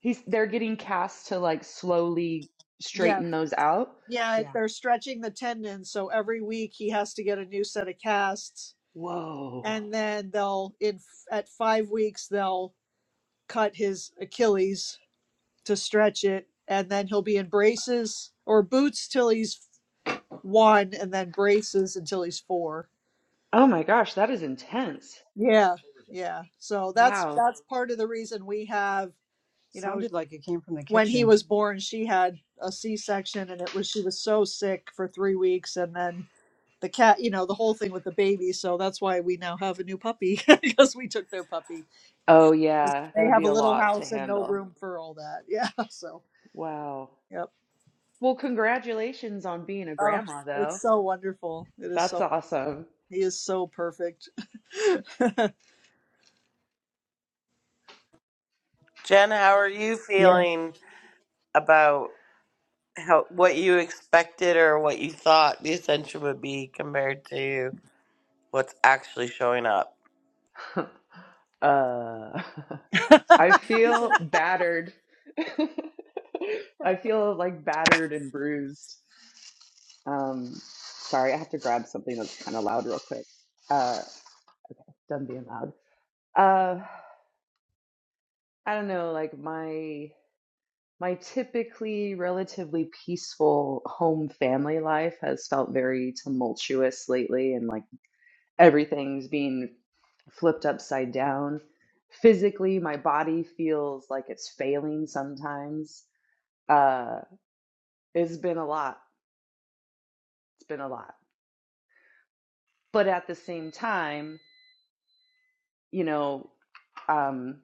G: he's they're getting cast to like slowly
D: Yes,
G: straighten those out.
D: Yeah, if Yeah. they're stretching the tendon, so every week he has to get a new set of casts,
G: Whoa.
D: and then they'll in at five weeks they'll cut his Achilles to stretch it, and then he'll be in braces or boots till he's one, and then braces until he's four.
G: Oh my gosh, that is intense.
D: Yeah, yeah. So that's
G: Wow.
D: that's part of the reason we have, you know, Sounded like it came from the kitchen. when he was born, she had a C section, and it was she was so sick for three weeks, and then the cat, you know, the whole thing with the baby. So that's why we now have a new puppy because we took their puppy.
G: Oh
D: 'Cause
G: yeah, that
D: They
G: would
D: have
G: be
D: a
G: a
D: little
G: lot to
D: house and no
G: handle.
D: room for all that. Yeah. So,
G: Wow.
D: yep.
G: Well, congratulations on being a
D: Oh,
G: grandma though.
D: it's so wonderful. It is
G: That's
D: so,
G: awesome.
D: he is so perfect.
A: Jen, how are you
D: yeah.
A: feeling about how what you expected or what you thought the ascension would be compared to what's actually showing up?
G: Uh I feel battered. I feel like battered and bruised. Um sorry, I have to grab something that's kind of loud real quick. Uh done being loud. Uh, I don't know, like my my typically relatively peaceful home family life has felt very tumultuous lately, and like everything's being flipped upside down. Physically, my body feels like it's failing sometimes. Uh, it's been a lot. It's been a lot. But at the same time, you know, um.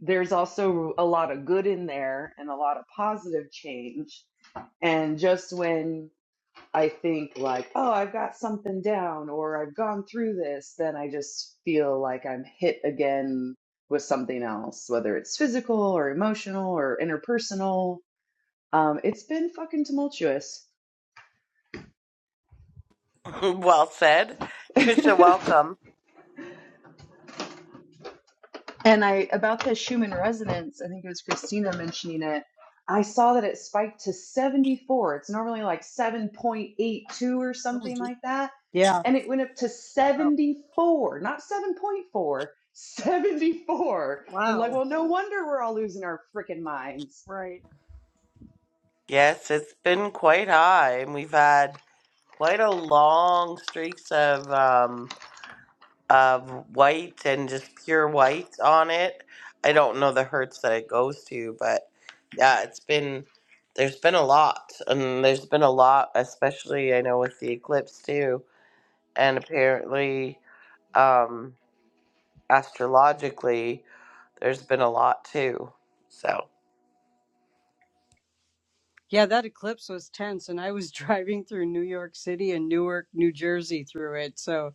G: there's also a lot of good in there and a lot of positive change. And just when I think, like, oh, I've got something down or I've gone through this, then I just feel like I'm hit again with something else, whether it's physical or emotional or interpersonal. Um, it's been fucking tumultuous.
A: well said, Trisha. Welcome.
G: And I about the Schumann resonance, I think it was Christina mentioning it. I saw that it spiked to 74. It's normally like 7.82 or
D: Oh,
G: something
D: gee.
G: like that.
D: Yeah.
G: And it went up to
D: Oh,
G: 74, not 7.4, 74. And like,
D: wow.
G: well, no wonder we're all losing our freaking minds.
D: Right.
A: Yes, it's been quite high, and we've had quite a long streaks of um of white and just pure white on it. I don't know the hertz that it goes to, but yeah, it's been there's been a lot, and there's been a lot, especially I know with the eclipse too, and apparently um astrologically there's been a lot too. So.
D: Yeah, that eclipse was tense and I was driving through New York City and Newark, New Jersey through it. So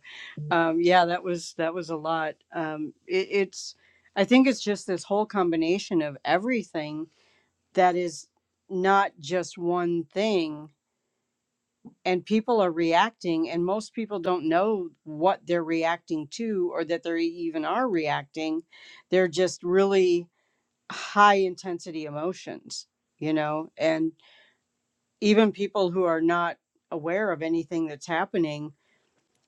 D: um, yeah, that was that was a lot. Um, it, it's I think it's just this whole combination of everything that is not just one thing, and people are reacting, and most people don't know what they're reacting to or that they even are reacting. They're just really high intensity emotions, you know, and even people who are not aware of anything that's happening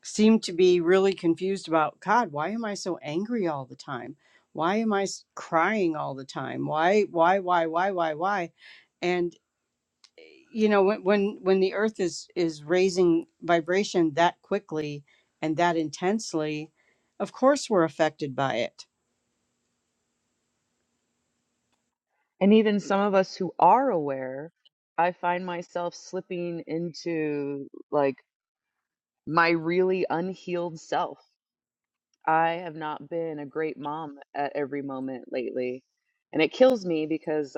D: Seem to be really confused about God, why am I so angry all the time? Why am I s- crying all the time? Why, why, why, why, why, why? And eh, you know, when when when the earth is is raising vibration that quickly and that intensely, of course we're affected by it.
G: And even some of us who are aware, I find myself slipping into like my really unhealed self I have not been a great mom at every moment lately. And it kills me because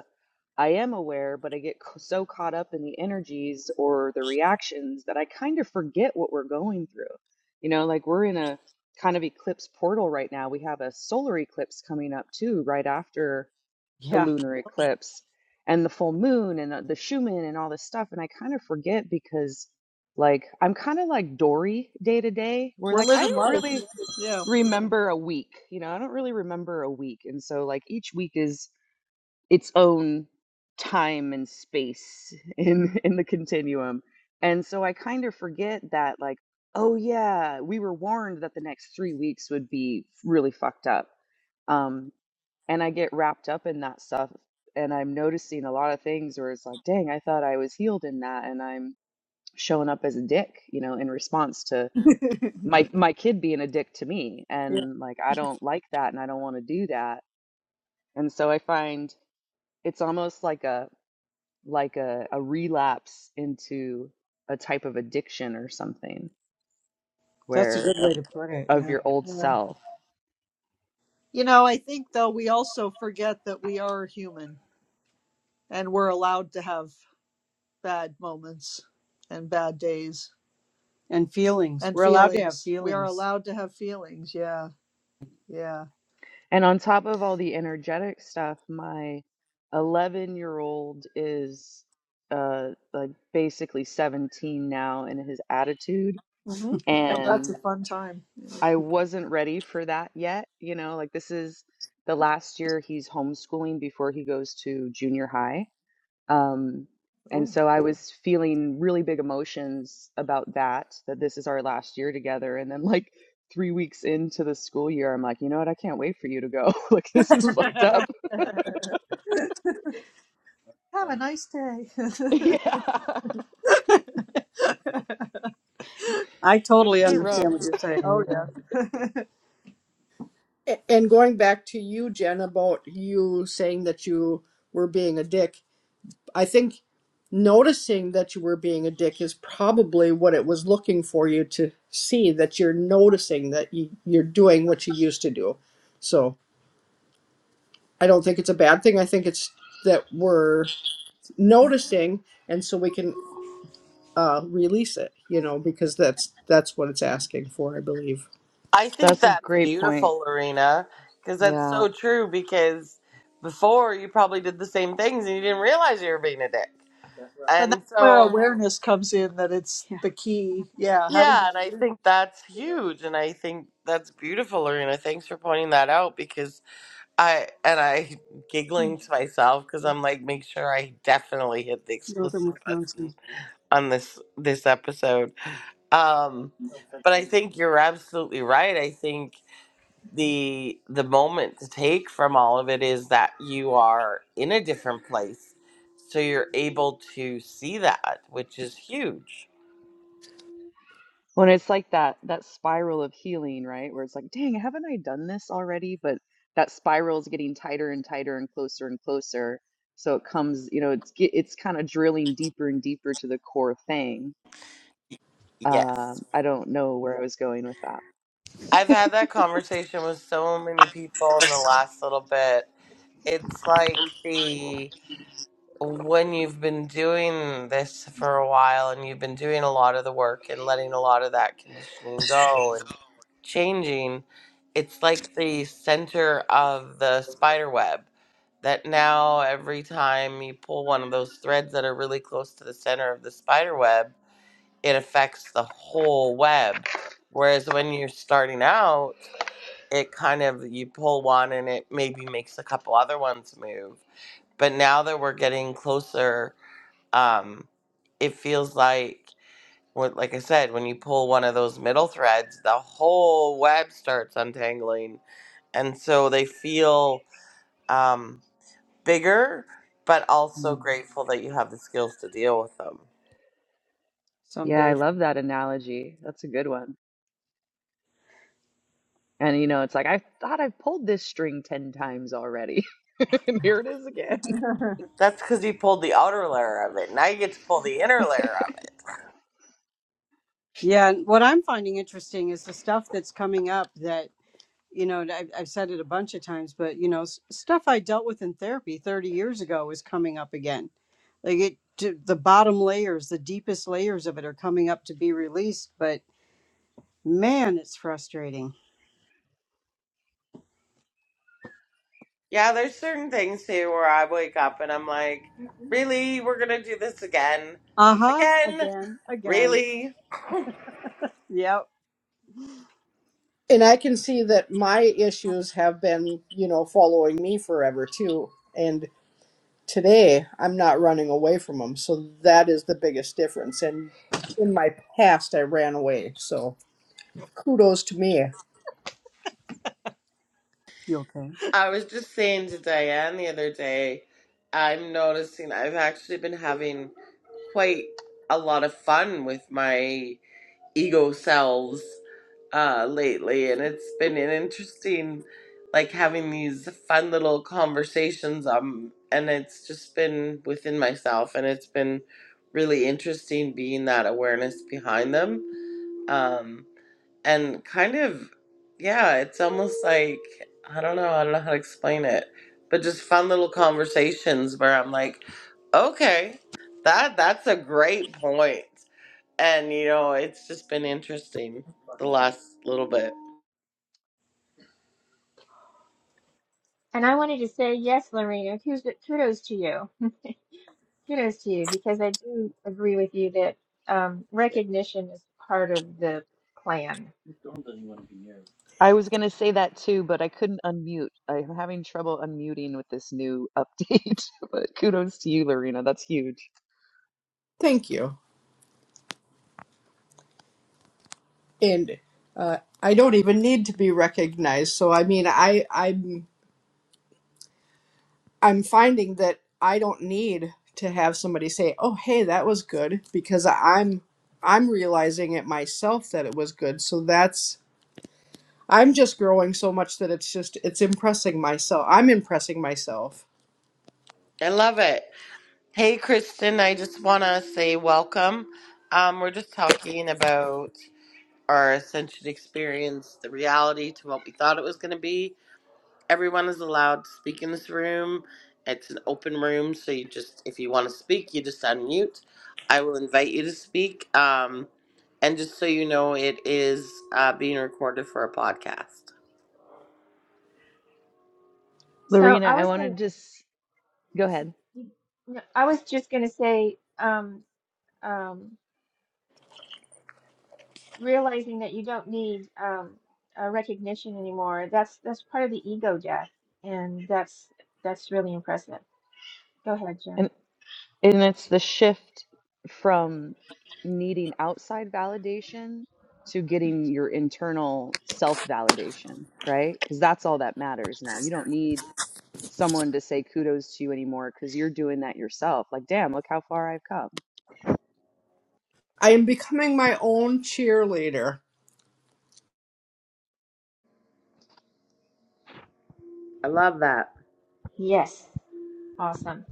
G: I am aware, but I get c- so caught up in the energies or the reactions that I kind of forget what we're going through. You know, like we're in a kind of eclipse portal right now. We have a solar eclipse coming up too, right after the
D: Yeah,
G: lunar eclipse and the full moon and the the Schumann and all this stuff. And I kind of forget because, like, I'm kind of like Dory day to day, where
D: we're
G: like I
D: living
G: don't
D: life.
G: really
D: Yeah,
G: remember a week. You know, I don't really remember a week. And so like each week is its own time and space in in the continuum. And so I kind of forget that like oh yeah, we were warned that the next 3 weeks would be really fucked up. Um and I get wrapped up in that stuff and I'm noticing a lot of things where it's like dang, I thought I was healed in that and I'm showing up as a dick, you know, in response my my kid being a dick to me
D: yeah,
G: and like I don't like that and I don't want to do that. And so I find it's almost like a like a, a relapse into a type of addiction or something
D: that's a
G: where
D: good way
G: of,
D: to put it.
G: of
D: Yeah.
G: your old
D: Yeah.
G: self.
D: You know, I think though we also forget that we are human and we're allowed to have bad moments and bad days and feelings. and We're feelings. allowed to have feelings. We are allowed to have feelings. Yeah, yeah.
G: And on top of all the energetic stuff, my 11 year old is uh like basically 17 now in his attitude
D: hmm Oh, that's a
G: and
D: fun time. Yes.
G: I wasn't ready for that yet, you know, like this is the last year he's homeschooling before he goes to junior high um, and
D: Oh,
G: so I was feeling really big emotions about that, that this is our last year together. And then, like, three weeks into the school year, I'm like, you know what? I can't wait for you to go. Like, this is fucked up.
D: have a nice day.
G: Yeah,
D: I
G: it's
D: totally
G: been rough.
D: understand what you're oh saying. Oh yeah,
C: A- And going back to you, Jen, about you saying that you were being a dick, I think noticing that you were being a dick is probably what it was looking for you to see that you're noticing that you, you're doing what you used to do. So I don't think it's a bad thing. I think it's that we're noticing, and so we can uh, release it. You know, because that's that's what it's asking for, I believe.
A: I think
G: That's a
A: that's
G: great point.
A: beautiful, Lorena, because that's
G: Yeah.
A: so true. Because before you probably did the same things and you didn't realize you were being a dick.
D: and that's
A: And
D: where
A: so,
D: awareness comes in. That it's Yeah. the key. Yeah, having
A: yeah,
D: that
A: and I
D: awareness.
A: think that's huge. And I think that's beautiful, Lorena. Thanks for pointing that out because I, and I giggling to myself because I'm like, make sure I definitely hit the
D: Northern
A: explicit button
D: Wisconsin.
A: on this, this episode. Um, but I think you're absolutely right. I think the the moment to take from all of it is that you are in a different place so you're able to see that which is huge
G: When it's like that, that spiral of healing, right? Where it's like, dang, haven't I done this already? But that spiral is getting tighter and tighter and closer and closer. So it comes, you know, it's get- it's kind of drilling deeper and deeper to the core thing
A: yes
G: Um, I don't know where I was going with that.
A: i've had that conversation with so many people in the last little bit it's like the when you've been doing this for a while and you've been doing a lot of the work and letting a lot of that conditioning go and changing, it's like the center of the spider web that now every time you pull one of those threads that are really close to the center of the spider web, it affects the whole web. Whereas when you're starting out, it kind of you pull one and it maybe makes a couple other ones move. But now that we're getting closer um it feels like what like i said when you pull one of those middle threads the whole web starts untangling and so they feel um bigger but also
G: Mhm.
A: grateful that you have the skills to deal with them
G: Yeah,
D: someday.
G: I love that analogy. That's a good one. And you know, it's like I thought I've pulled this string 10 times already. And here it is again.
A: that's because you pulled the outer layer of it now you get to pull the inner layer of it
D: Yeah. And what I'm finding interesting is the stuff that's coming up that. you know and I've, I've said it a bunch of times but you know s- stuff i dealt with in therapy 30 years ago is coming up again like it d- the bottom layers the deepest layers of it are coming up to be released but man it's frustrating
A: yeah there's certain things too where i wake up and i'm like really we're gonna do this again
D: uh-huh
A: again
D: again again
A: really
D: yep
C: And I can see that my issues have been, you know, following me forever too. and. Today, I'm not running away from them. So that is the biggest difference. And in my past, I ran away. So kudos to me.
D: You okay?
A: I was just saying to Diane the other day, I'm noticing I've actually been having quite a lot of fun with my ego selves uh, lately, and it's been an interesting, like having these fun little conversations. Um, and it's just been within myself, and it's been really interesting being that awareness behind them. Um, and kind of yeah it's almost like i don't know i don't know how to explain it but just fun little conversations where i'm like okay that that's a great point point. and you know it's just been interesting the last little bit
B: And I wanted to say, yes, Lorena, kudos, kudos to you. Kudos to you, because I do agree with you that um, recognition is part of the plan.
G: I was going to say that too, but I couldn't unmute. I'm having trouble unmuting with this new update. But kudos to you, Lorena. That's huge.
C: Thank you. And uh, I don't even need to be recognized. So I mean, I I'm I'm finding that I don't need to have somebody say, "Oh, hey, that was good," because I'm I'm realizing it myself that it was good. So that's I'm just growing so much that it's just it's impressing myself. I'm impressing myself
A: i love it hey kristen i just want to say welcome um we're just talking about our ascension experience the reality to what we thought it was going to be everyone is allowed to speak in this room. It's an open room, so you just if you want to speak, you just unmute. I will invite you to speak. Um, and just so you know, it is uh, being recorded for a podcast.
B: So
G: Lorena,
B: I
G: I
B: was going
G: wanted to just go ahead.
B: to, I was just going to say, um, um, realizing that you don't need um, uh, recognition anymore, that's that's part of the ego death, and that's that's really impressive. Go ahead, Jen.
G: And it's the shift from needing outside validation to getting your internal self validation, right? Because that's all that matters now. You don't need someone to say kudos to you anymore because you're doing that yourself. Like, damn, look how far I've come.
C: I am becoming my own cheerleader.
A: I love that.
B: Yes, awesome.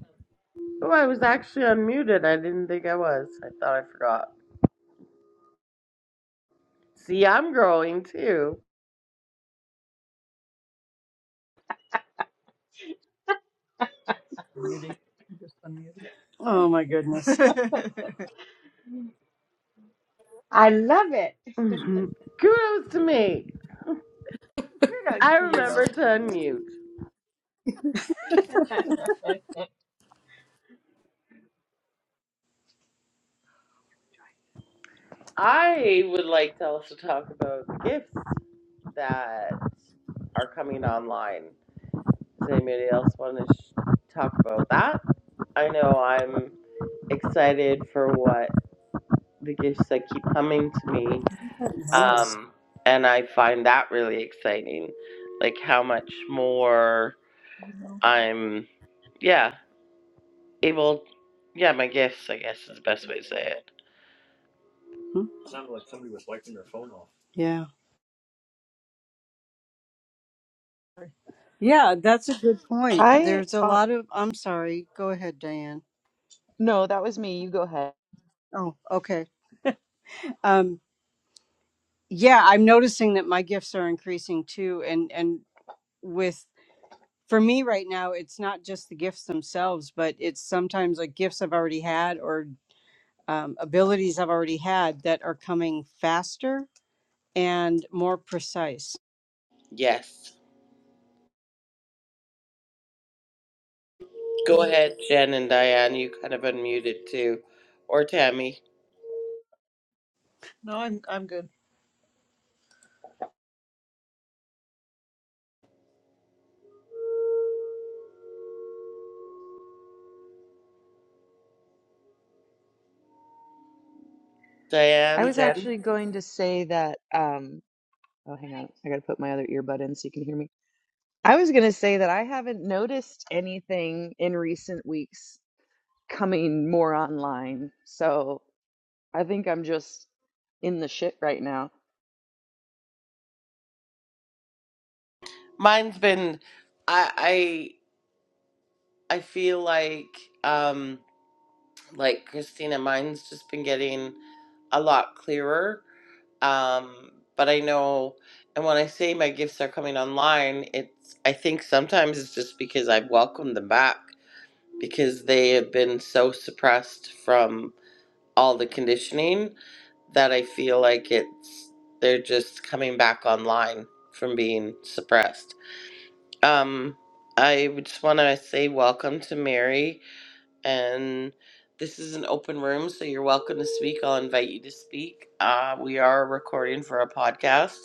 A: Oh, I was actually unmuted. I didn't think I was. I thought I forgot. See, I'm growing too.
D: You just unmuted. oh my goodness that
B: I love it.
A: Kudos to me.
B: Kudos
A: I
B: to
A: remember
B: you.
A: to unmute. I would like to also talk about gifts that are coming online. Does anybody else want to sh- talk about that? I know I'm excited for what the gifts that keep coming to me,
D: noise
A: um, and I find that really exciting. Like how much more I'm, yeah, able. Yeah, my gifts. I guess is the best way to say it.
D: Hmm? yeah yeah that's a good point
G: I,
D: there's a
G: uh,
D: lot of i'm sorry go ahead diane
G: no, that was me. You go ahead.
D: oh okay Um. yeah i'm noticing that my gifts are increasing too and and with for me right now it's not just the gifts themselves but it's sometimes like gifts i've already had or um, abilities i've already had that are coming faster and more precise
A: Yes. Go ahead, Jen and Diane. You kind of unmuted too, or Tammy.
D: No, I'm I'm good.
G: I
A: Diane,
G: was
A: Jen.
G: actually going to say that, um, oh, hang on. I got to put my other earbud in so you can hear me. I was going to say that I haven't noticed anything in recent weeks coming more online. So I think I'm just in the shit right now.
A: Mine's been. I I I feel like um like Christina. Mine's just been getting a lot clearer. Um, but I know, and when I say my gifts are coming online, it's I think sometimes it's just because I've welcomed them back because they have been so suppressed from all the conditioning that I feel like it's they're just coming back online from being suppressed. Um, I would just want to say welcome to Mary, and this is an open room, so you're welcome to speak. I'll invite you to speak. Uh, we are recording for a podcast,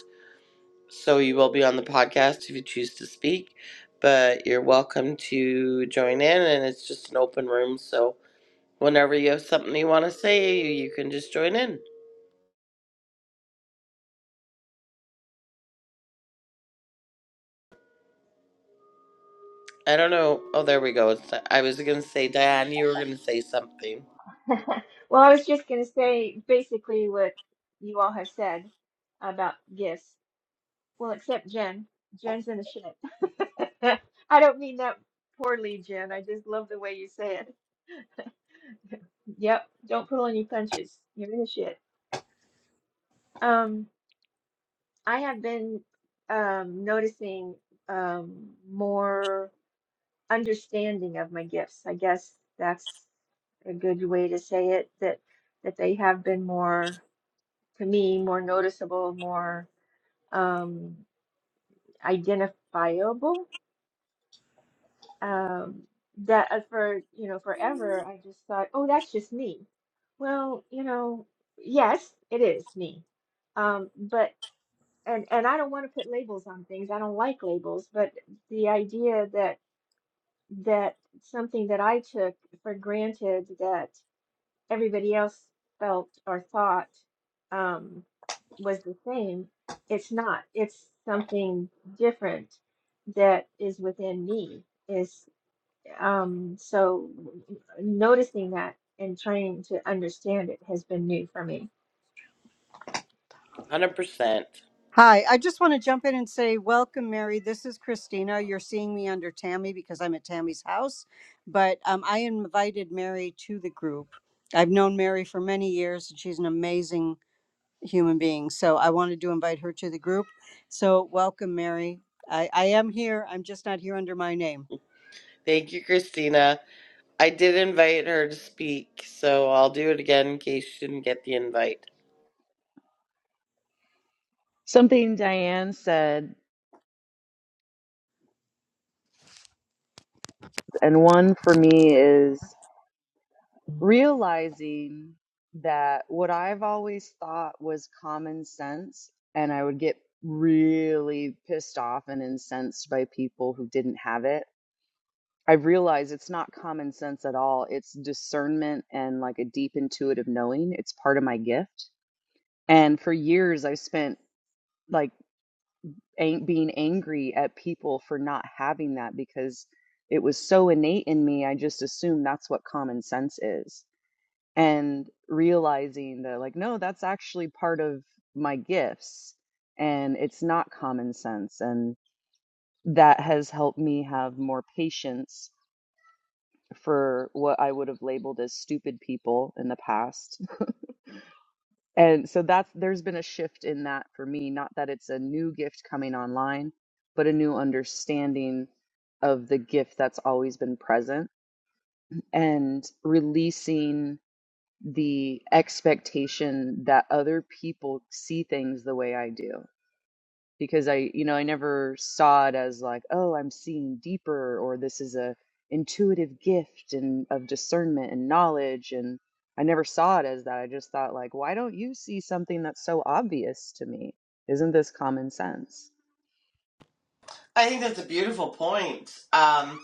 A: so you will be on the podcast if you choose to speak. But you're welcome to join in, and it's just an open room, so whenever you have something you want to say, you can just join in. I don't know. Oh, there we go. It's, I was going to say, Diane, you were going to say something.
B: Well, I was just going to say basically what you all have said about gifts. Well, except Jen. Jen's in the shit. I don't mean that poorly, Jen. I just love the way you say it. Yep, don't pull any punches. You're in the shit. Um, I have been um noticing um more understanding of my gifts. I guess that's a good way to say it, that that they have been more. to me more noticeable, more um, identifiable. Um, that uh, for you know forever, I just thought, oh, that's just me. Well, you know, yes, it is me. Um, but and and I don't want to put labels on things. I don't like labels. But the idea that that something that I took for granted that. everybody else felt or thought um, was the same. It's not. It's something different that is within me. Is um, so noticing that and trying to understand it has been new for me.
A: 100%.
D: Hi, I just want to jump in and say, welcome, Mary. This is Christina. You're seeing me under Tammy because I'm at Tammy's house, but um, I invited Mary to the group. I've known Mary for many years, and she's an amazing human being. So I wanted to invite her to the group. So welcome, Mary. I, I am here. I'm just not here under my name.
A: Thank you, Christina. I did invite her to speak, so I'll do it again in case she didn't get the invite.
G: Something Diane said, and one for me is realizing that what I've always thought was common sense, and I would get really pissed off and incensed by people who didn't have it. I've realized it's not common sense at all. It's discernment and like a deep intuitive knowing. It's part of my gift. And for years, i spent like ang- being angry at people for not having that because it was so innate in me. I just assumed that's what common sense is. And realizing that, like, no, that's actually part of my gifts and it's not common sense. And that has helped me have more patience for what I would have labeled as stupid people in the past And so that's there's been a shift in that for me, not that it's a new gift coming online, but a new understanding of the gift that's always been present and releasing the expectation that other people see things the way I do because I, you know, I never saw it as like, oh, I'm seeing deeper or this is a intuitive gift and of discernment and knowledge and I never saw it as that. I just thought like, why don't you see something that's so obvious to me? Isn't this common sense?
A: I think that's a beautiful point. Um,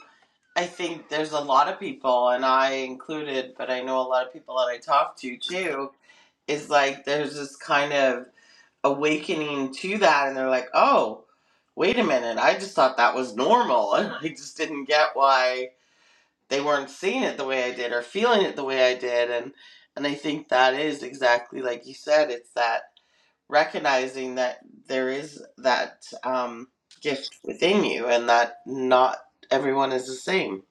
A: I think there's a lot of people, and I included, but I know a lot of people that I talk to too, is like there's this kind of awakening to that, and they're like, oh, wait a minute, I just thought that was normal, and I just didn't get why. they weren't seeing it the way I did or feeling it the way I did and and I think that is exactly like you said it's that recognizing that there is that um gift within you and that not everyone is the same.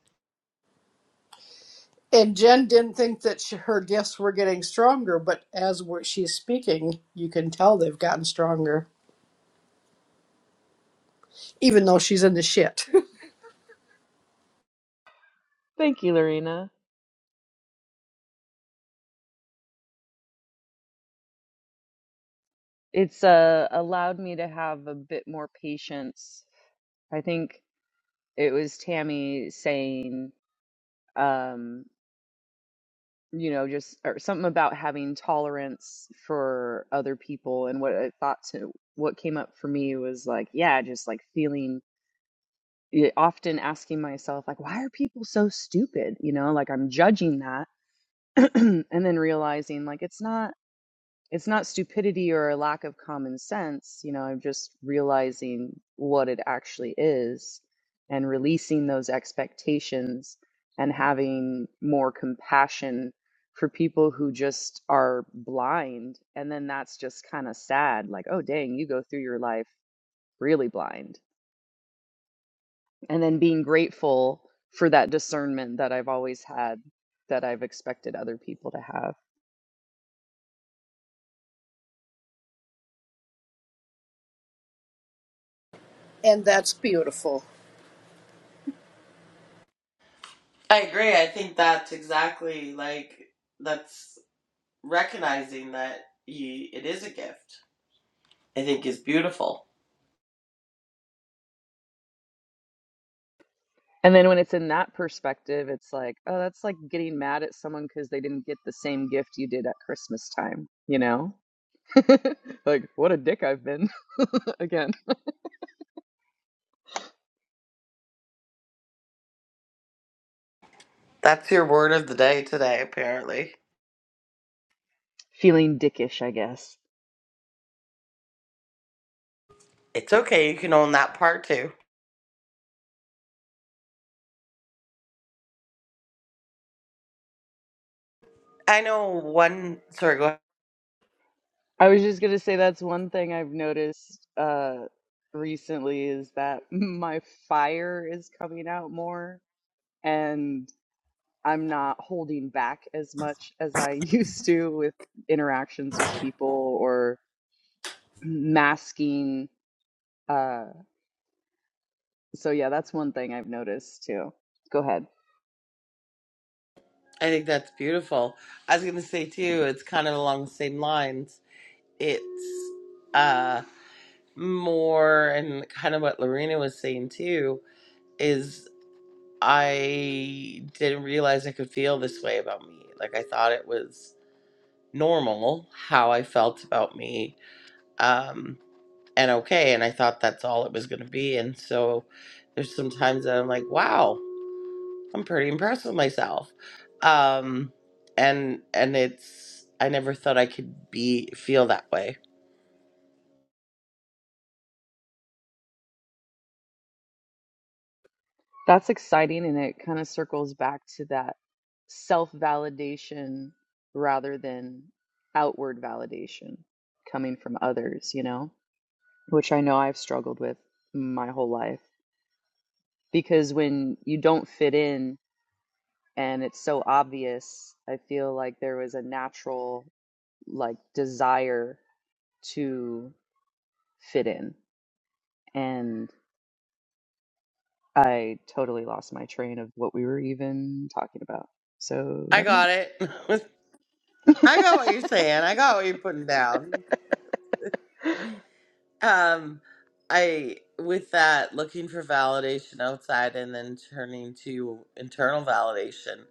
C: And Jen didn't think that she, her gifts were getting stronger, but as we she's speaking, you can tell they've gotten stronger, even though she's in the shit.
G: Thank you, Lorena. It's uh, allowed me to have a bit more patience. I think it was Tammy saying. um, you know, just or something about having tolerance for other people and what I thought to what came up for me was like, yeah, just like feeling yeah, often asking myself like why are people so stupid? You know, like I'm judging that and then realizing like it's not it's not stupidity or a lack of common sense. You know, I'm just realizing what it actually is and releasing those expectations and having more compassion for people who just are blind. And then that's just kind of sad. Like, oh, dang, you go through your life really blind. And then being grateful for that discernment that I've always had that I've expected other people to have.
C: and that's beautiful.
A: I agree. I think that's exactly like that's recognizing that you it is a gift. I think is beautiful.
G: And then when it's in that perspective, it's like, oh, that's like getting mad at someone because they didn't get the same gift you did at Christmas time, you know? Like, what a dick I've been. Again,
A: That's your word of the day today apparently.
G: feeling dickish, I guess.
A: It's okay. You can own that part too. I know one sorry go ahead.
G: I was just gonna say that's one thing I've noticed uh recently is that my fire is coming out more and I'm not holding back as much as I used to with interactions with people or masking uh, So yeah, that's one thing I've noticed too. Go ahead.
A: I think that's beautiful. I was going to say too, it's kind of along the same lines. It's uh more and kind of what Lorena was saying too is I didn't realize I could feel this way about me. Like I thought it was normal how I felt about me um and okay and I thought that's all it was going to be and so there's sometimes that I'm like, wow, I'm pretty impressed with myself. Um and and it's I never thought I could be feel that way.
G: That's exciting and it kind of circles back to that self-validation rather than outward validation coming from others, you know, which I know I've struggled with my whole life because when you don't fit in and it's so obvious, I feel like there was a natural like desire to fit in. And I totally lost my train of what we were even talking about. So
A: I
G: never mind.
A: got it. I got what you're saying. I got what you're putting down. Um I with that looking for validation outside and then turning to internal validation.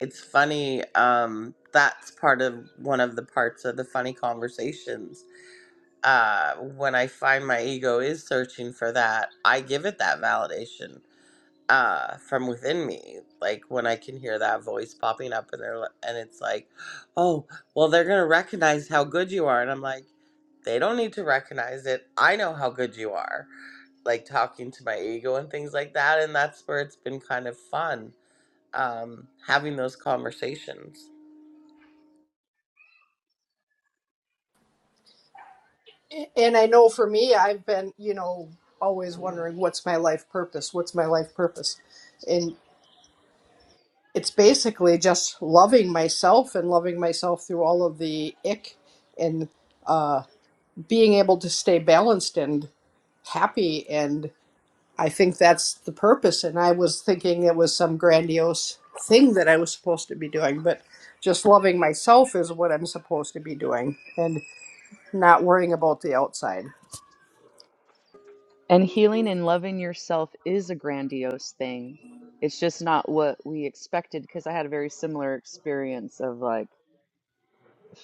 A: It's funny um that's part of one of the parts of the funny conversations. Uh when I find my ego is searching for that, I give it that validation uh from within me like when i can hear that voice popping up and they're li- and it's like oh well they're gonna recognize how good you are and i'm like they don't need to recognize it i know how good you are like talking to my ego and things like that and that's where it's been kind of fun um having those conversations
C: A- And I know for me, I've been, you know, always wondering what's my life purpose? What's my life purpose? And it's basically just loving myself and loving myself through all of the ick and uh, being able to stay balanced and happy. and I think that's the purpose. And I was thinking it was some grandiose thing that I was supposed to be doing, but just loving myself is what I'm supposed to be doing and not worrying about the outside.
G: and healing and loving yourself is a grandiose thing. It's just not what we expected because I had a very similar experience of like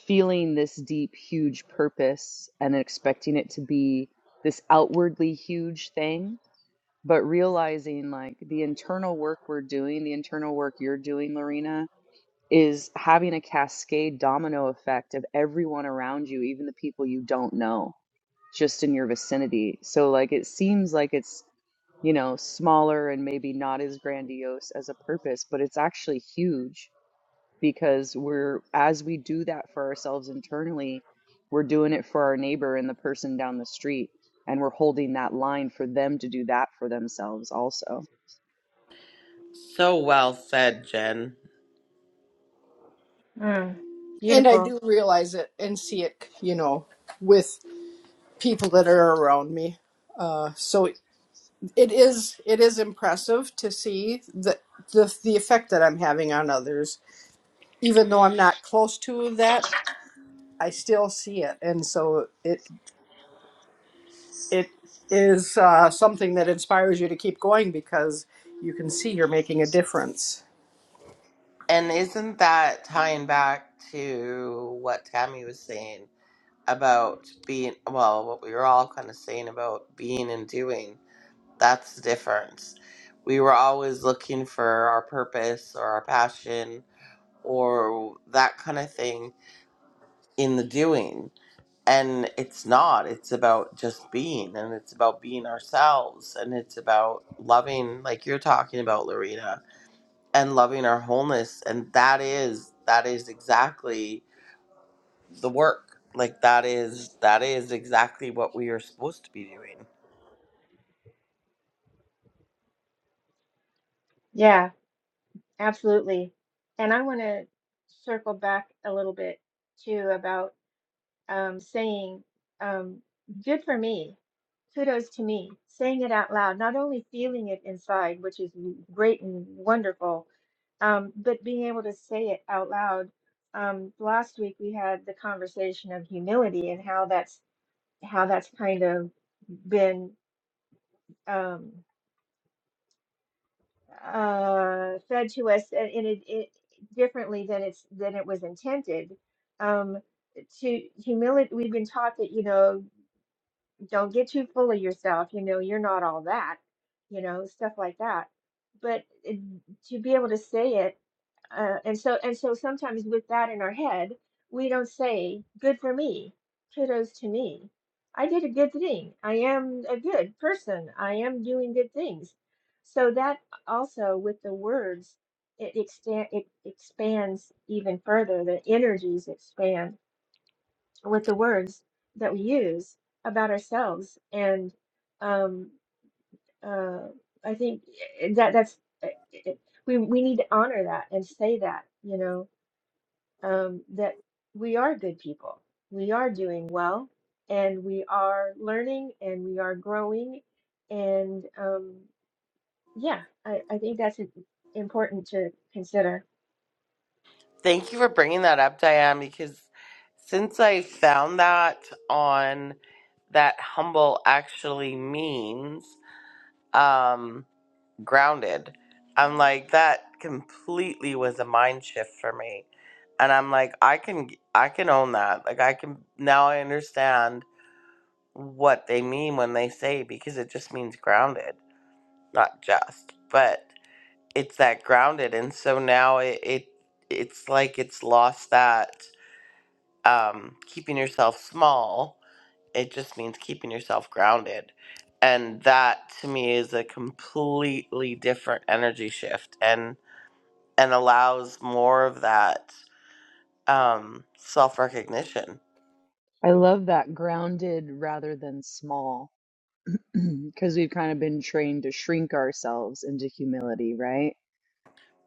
G: feeling this deep, huge purpose and expecting it to be this outwardly huge thing, but realizing like the internal work we're doing, the internal work you're doing, Lorena, is having a cascade domino effect of everyone around you, even the people you don't know, just in your vicinity. So, like, it seems like it's, you know, smaller and maybe not as grandiose as a purpose, but it's actually huge because we're, as we do that for ourselves internally, we're doing it for our neighbor and the person down the street. And we're holding that line for them to do that for themselves also.
A: so well said jen
B: Mm,
C: And I
B: beautiful.
C: do realize it and see it, you know, with people that are around me. Uh, so it is it is impressive to see the, the the effect that I'm having on others. Even though I'm not close to that, I still see it, and so it it is uh, something that inspires you to keep going because you can see you're making a difference.
A: and isn't that tying back to what tammy was saying about being well what we were all kind of saying about being and doing that's the difference we were always looking for our purpose or our passion or that kind of thing in the doing and it's not it's about just being and it's about being ourselves and it's about loving like you're talking about lorena and loving our wholeness and that is that is exactly the work. Like that is that is exactly what we are supposed to be doing.
B: Yeah, absolutely. And I want to circle back a little bit too about. um, saying, um, good for me, kudos to me, saying it out loud, not only feeling it inside, which is w- great and wonderful, um, but being able to say it out loud. Um, last week we had the conversation of humility and how that's how that's kind of been um, uh, fed to us and, and it, it differently than it's than it was intended. Um, to humility, we've been taught that you know don't get too full of yourself. You know, you're not all that, you know, stuff like that. But it, to be able to say it, uh, and so and so sometimes with that in our head, we don't say "good for me," "kudos to me," "I did a good thing," "I am a good person," "I am doing good things." So that also with the words, it, extend, it expands even further. The energies expand with the words that we use about ourselves and um uh i think eh, eh, that that's eh, eh, eh, we we need to honor that and say that you know um that we are good people we are doing well and we are learning and we are growing and um yeah i i think that's important to consider
A: Thank you for bringing that up, Diane, because since I found that on that humble actually means um grounded, I'm like that completely was a mind shift for me. And I'm like I can I can own that. Like I can now I understand what they mean when they say because it just means grounded, not just. but. it's that grounded and so now it, it it's like it's lost that um keeping yourself small it just means keeping yourself grounded and that to me is a completely different energy shift and and allows more of that um self-recognition
G: I love that grounded rather than small because we've kind of been trained to shrink ourselves into humility, right?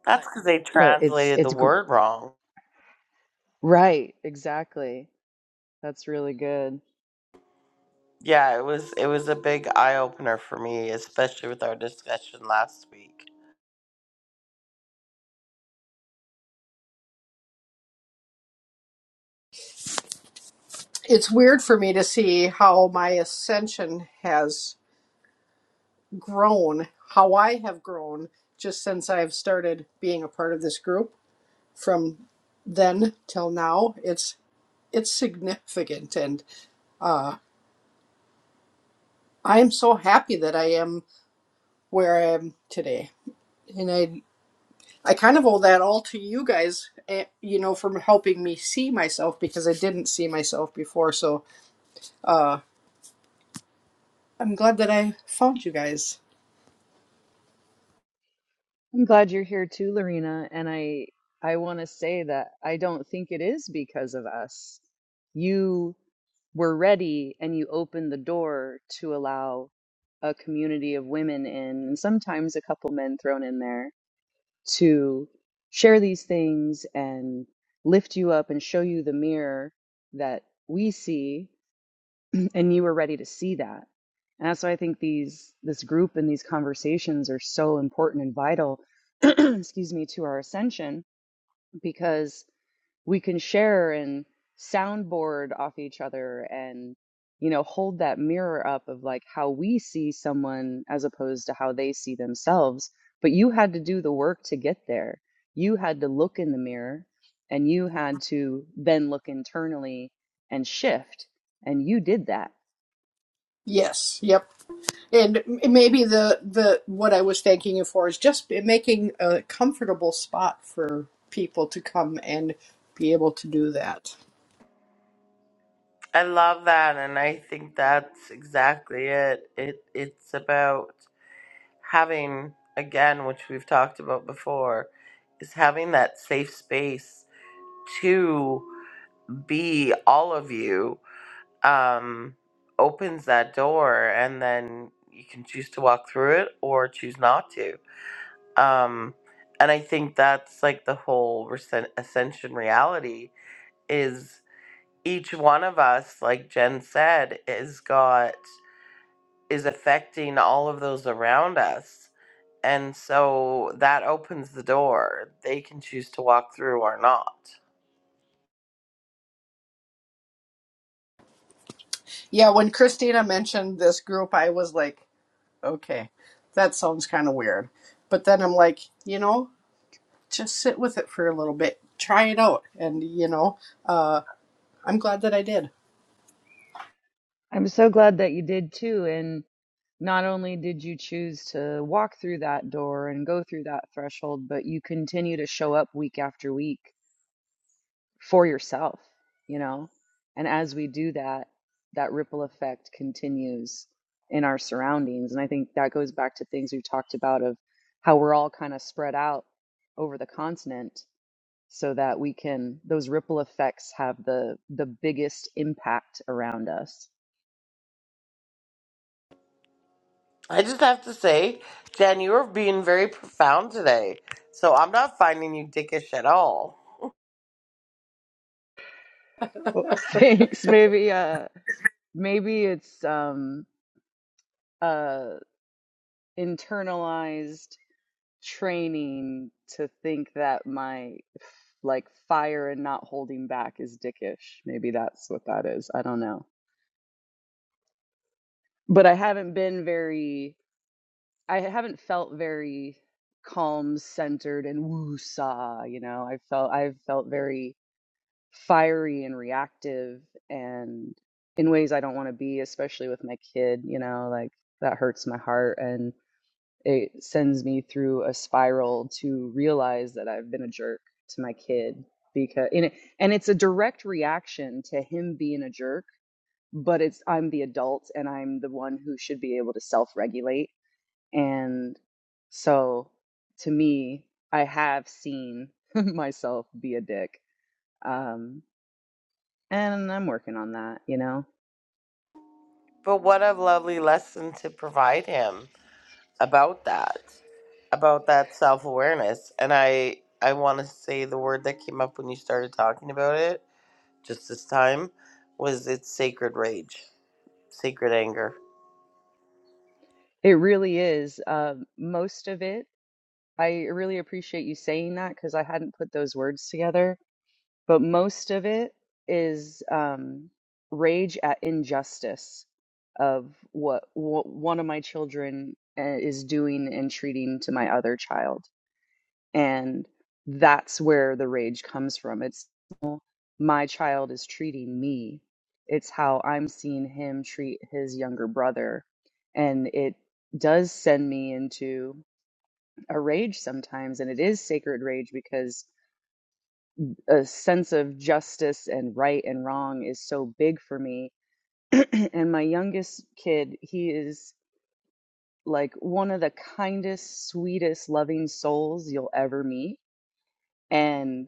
A: that's because they
G: But it's
A: translated the
G: it's gr-
A: word wrong
G: right, exactly. That's really good.
A: yeah it was it was a big eye-opener for me especially with our discussion last week
C: It's weird for me to see how my ascension has grown, how I have grown just since I've started being a part of this group from then till now. It's it's significant and I am so happy that I am where I am today. and I. I kind of owe that all to you guys, eh, you know, from helping me see myself because I didn't see myself before. So I'm glad that I found you guys.
G: I'm glad you're here too, Lorena, and I I want to say that I don't think it is because of us. You were ready and you opened the door to allow a community of women in, and sometimes a couple men thrown in there to share these things and lift you up and show you the mirror that we see and you were ready to see that and that's why i think these this group and these conversations are so important and vital excuse me to our ascension because we can share and soundboard off each other and you know hold that mirror up of like how we see someone as opposed to how they see themselves but you had to do the work to get there you had to look in the mirror and you had to then look internally and shift and you did that
C: Yes, yep. And maybe the the what I was thanking you for is just making a comfortable spot for people to come and be able to do that.
A: I love that, and I think that's exactly it. It it's about having again, which we've talked about before, is having that safe space to be all of you. Um, opens that door, and then you can choose to walk through it or choose not to. Um, and I think that's like the whole recen- ascension reality is each one of us, like Jen said, is got. is affecting all of those around us. And so that opens the door. They can choose to walk through or not.
C: Yeah, when Christina mentioned this group, I was like, okay, that sounds kind of weird. But then I'm like, you know, just sit with it for a little bit try it out and you know uh, i'm glad that i did
G: i'm so glad that you did too and not only did you choose to walk through that door and go through that threshold but you continue to show up week after week for yourself, you know? And as we do that, that ripple effect continues in our surroundings. And I think that goes back to things we've talked about of how we're all kind of spread out over the continent so that we can those ripple effects have the the biggest impact around us.
A: I just have to say, Jen, you are being very profound today. So I'm not finding you dickish at all.
G: Well, thanks. Maybe uh maybe it's um uh internalized training to think that my like fire and not holding back is dickish. Maybe that's what that is. I don't know. But I haven't been very I haven't felt very calm, centered and woo-saw, you know. I felt I've felt very fiery and reactive and in ways I don't want to be, especially with my kid, you know, like that hurts my heart and. It sends me through a spiral to realize that I've been a jerk to my kid because and, it, and it's a direct reaction to him being a jerk, but it's I'm the adult and I'm the one who should be able to self-regulate and so to me, I have seen myself be a dick. Um and I'm working on that, you know.
A: But what a lovely lesson to provide him about that, about that self awareness. And I, I want to say the word that came up when you started talking about it just this time was its sacred rage, sacred anger.
G: It really is. Uh, most of it, I really appreciate you saying that because I hadn't put those words together but most of it is um, rage at injustice of what, what one of my children uh, is doing and treating to my other child. And that's where the rage comes from. It's my child is treating me, it's how I'm seeing him treat his younger brother. And it does send me into a rage sometimes. And it is sacred rage because a sense of justice and right and wrong is so big for me. and my youngest kid, he is like one of the kindest, sweetest, loving souls you'll ever meet. And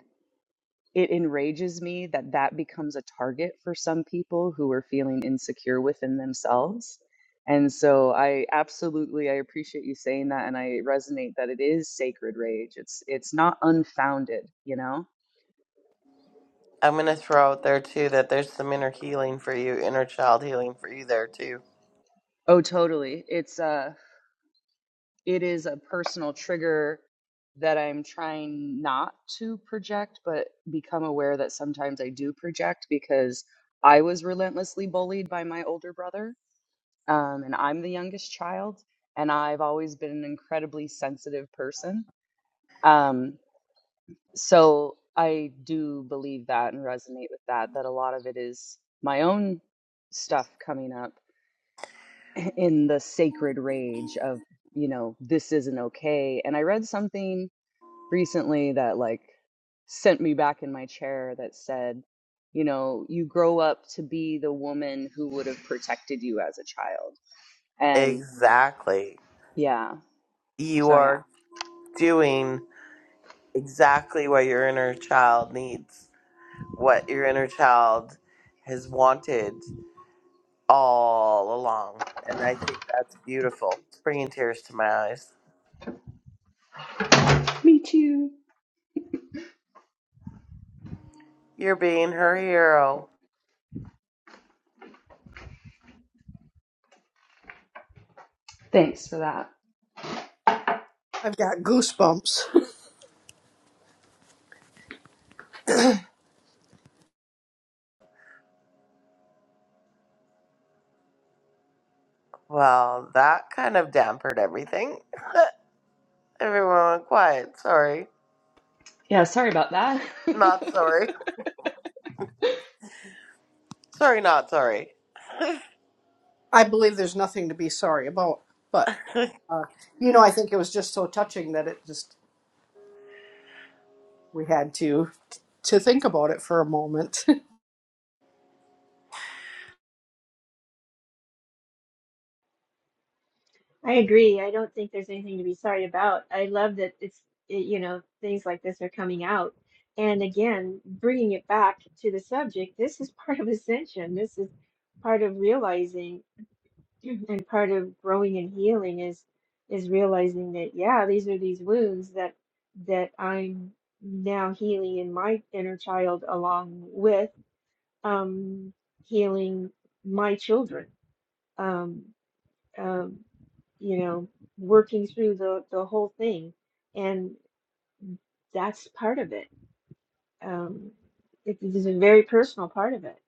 G: it enrages me that that becomes a target for some people who are feeling insecure within themselves. And so I absolutely I appreciate you saying that and I resonate that it is sacred rage. It's it's not unfounded, you know?
A: I'm going to throw out there too that there's some inner healing for you, inner child healing for you there too.
G: Oh, totally. It's uh it is a personal trigger that I'm trying not to project, but become aware that sometimes I do project because I was relentlessly bullied by my older brother, um, and I'm the youngest child, and I've always been an incredibly sensitive person. Um, so I do believe that and resonate with that, that a lot of it is my own stuff coming up in the sacred rage of, you know, this isn't okay. And I read something recently that like sent me back in my chair that said, you know, you grow up to be the woman who would have protected you as a child. And
A: Exactly.
G: yeah,
A: You
G: so yeah.
A: are doing exactly what your inner child needs, what your inner child has wanted all along. And I think that's beautiful. It's bringing tears to my eyes.
G: Me too.
A: You're being her hero.
G: Thanks for that.
C: i've got goosebumps
A: Well, that kind of dampened everything. Everyone, quiet. Sorry.
G: Yeah, sorry about that.
A: Not sorry. Sorry, not sorry.
C: i believe there's nothing to be sorry about but uh, you know i think it was just so touching that it just we had to to think about it for a moment
B: I agree. I don't think there's anything to be sorry about. I love that it's, it, you know, things like this are coming out. And again, bringing it back to the subject, this is part of ascension. This is part of realizing and part of growing and healing is is realizing that yeah, these are these wounds that that I'm now healing in my inner child along with um healing my children. Um um, you know, working through the, the whole thing. And that's part of it. Um, it it is a very personal part of it.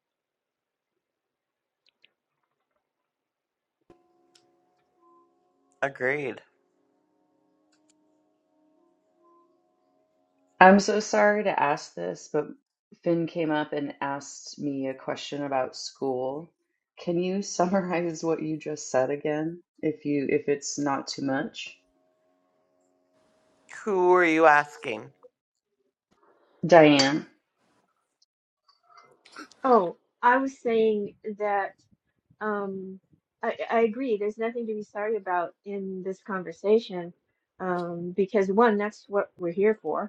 A: Agreed.
G: I'm so sorry to ask this, but Finn came up and asked me a question about school. Can you summarize what you just said again, if you if it's not too much?
A: Who are you asking?
G: Diane.
B: Oh, I was saying that um, I, I agree. There's nothing to be sorry about in this conversation um, because, one, that's what we're here for.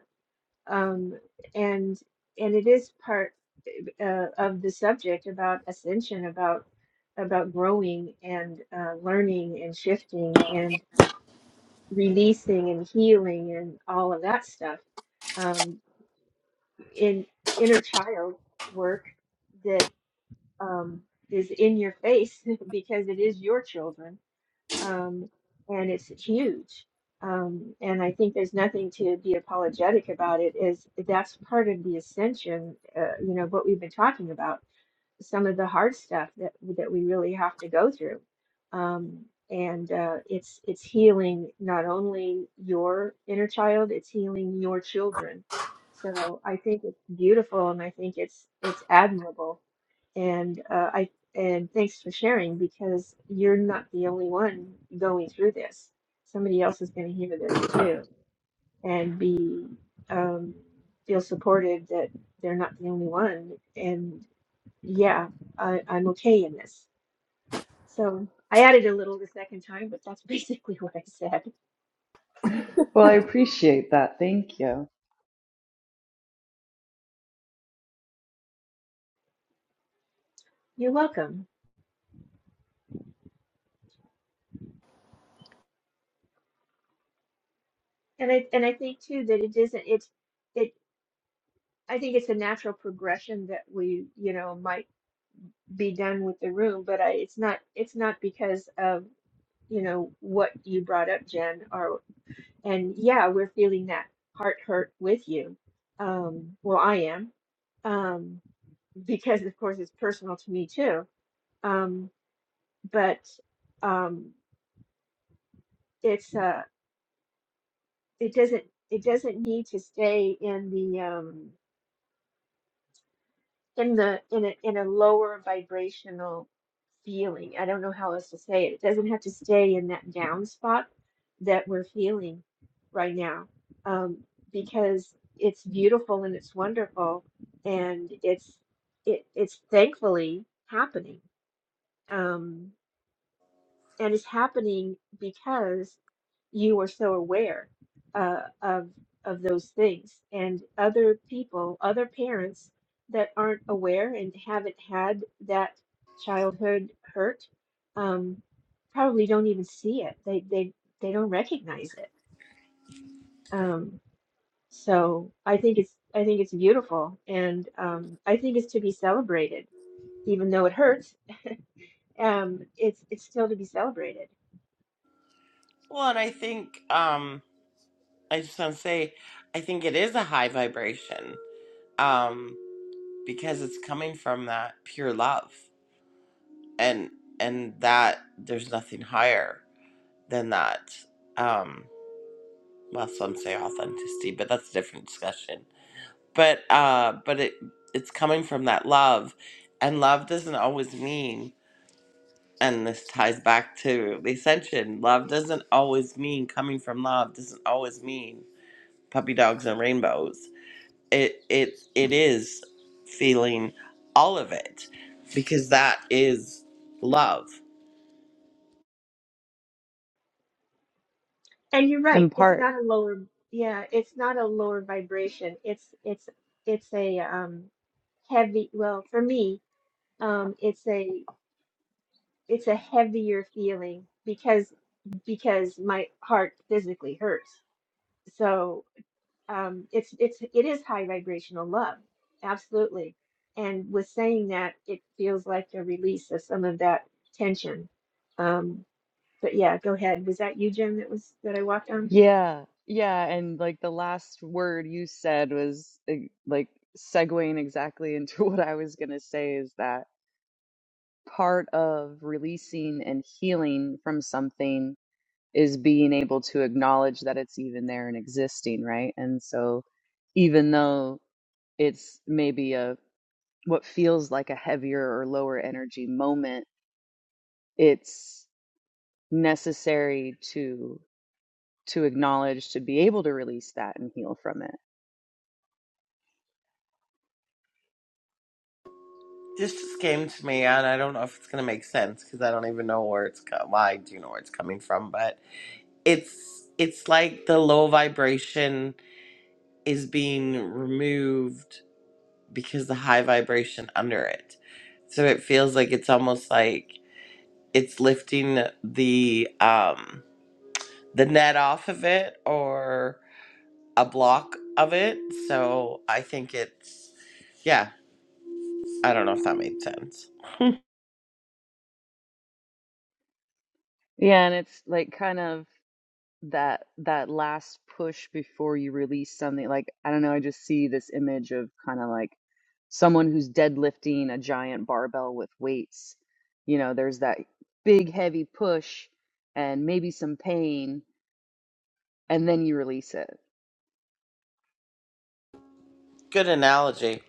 B: um, and and it is part uh, of the subject about ascension, about about growing and uh, learning and shifting and releasing and healing and all of that stuff um, in inner child work that um, is in your face because it is your children um, and it's huge. Um, and I think there's nothing to be apologetic about it. Is that's part of the ascension, uh, you know, what we've been talking about, some of the hard stuff that that we really have to go through, um, and uh, it's it's healing not only your inner child, it's healing your children. So I think it's beautiful, and I think it's it's admirable and uh, I and thanks for sharing because you're not the only one going through this. Somebody else is going to hear this too and be um, feel supported that they're not the only one. And yeah, I, I'm okay in this. So I added a little the second time, but that's basically what I said.
G: Well, I appreciate that. Thank you.
B: You're welcome. And I and I think too that it isn't it's it I think it's a natural progression that we, you know, might be done with the room, but I, it's not it's not because of you know what you brought up, Jen, or and yeah, we're feeling that heart hurt with you. Um, well, I am, um, because of course it's personal to me too. Um, but um, it's uh, it doesn't it doesn't need to stay in the um, in the in a in a lower vibrational feeling. I don't know how else to say it. It doesn't have to stay in that down spot that we're feeling right now, um, because it's beautiful and it's wonderful, and it's it it's thankfully happening, um, and it's happening because you are so aware uh, of of those things and other people other parents that aren't aware and haven't had that childhood hurt um, probably don't even see it they they they don't recognize it um, so I think it's I think it's beautiful and um, I think it's to be celebrated even though it hurts um, it's it's still to be celebrated
A: Well, and I think, um, I just want to say, I think it is a high vibration, um, because it's coming from that pure love, and and that there's nothing higher than that. Um, well, some say authenticity, but that's a different discussion. But uh, but it it's coming from that love, and love doesn't always mean and this ties back to the ascension. Love doesn't always mean coming from love doesn't always mean puppy dogs and rainbows. It it it is feeling all of it because that is love.
B: And you're right.
G: In
B: It's
G: part.
B: not a lower, yeah, it's not a lower vibration. It's it's it's a um heavy, well, for me, um it's a it's a heavier feeling because because my heart physically hurts. So. um, it's it's it is high vibrational love, absolutely. And with saying that, it feels like a release of some of that tension. Um, but yeah, go ahead. Was that you, Jim? That was that I walked on.
G: Yeah. Yeah. And like the last word you said was eh, like segueing exactly into what I was going to say is that part of releasing and healing from something is being able to acknowledge that it's even there and existing, right? And so even though it's maybe a what feels like a heavier or lower energy moment, it's necessary to to acknowledge to be able to release that and heal from it.
A: This just came to me, and I don't know if it's gonna make sense because I don't even know where it's co- well, I do know where it's coming from, but it's it's like the low vibration is being removed because the high vibration under it. So it feels like it's almost like it's lifting the um the net off of it or a block of it. So I think it's yeah, I don't know if that made sense.
G: Yeah, and it's like kind of that that last push before you release something like I don't know, I just see this image of kind of like someone who's deadlifting a giant barbell with weights. You know, there's that big heavy push and maybe some pain and then you release it.
A: Good analogy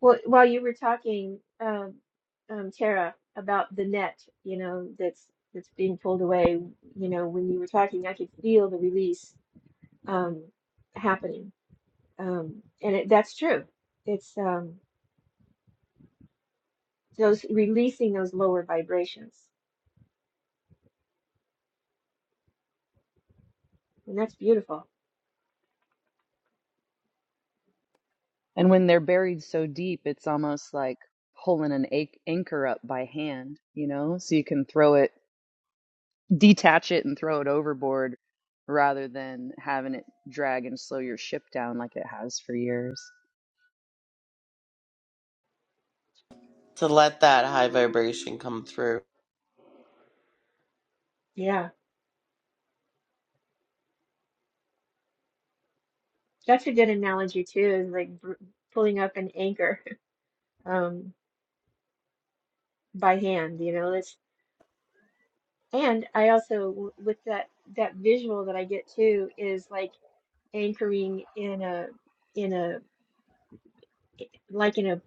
B: Well, while you were talking, um, um, Tara, about the net, you know, that's that's being pulled away. You know, when you were talking, I could feel the release um, happening, um, and it, that's true. It's um, those releasing those lower vibrations And that's beautiful.
G: And when they're buried so deep, it's almost like pulling an ac- anchor up by hand, you know, so you can throw it detach it and throw it overboard rather than having it drag and slow your ship down like it has for years.
A: to let that high vibration come through.
B: Yeah. That's a good analogy too, is like br pulling up an anchor um by hand, you know. That's and I also w- with that that visual that I get too is like anchoring in a in a like in a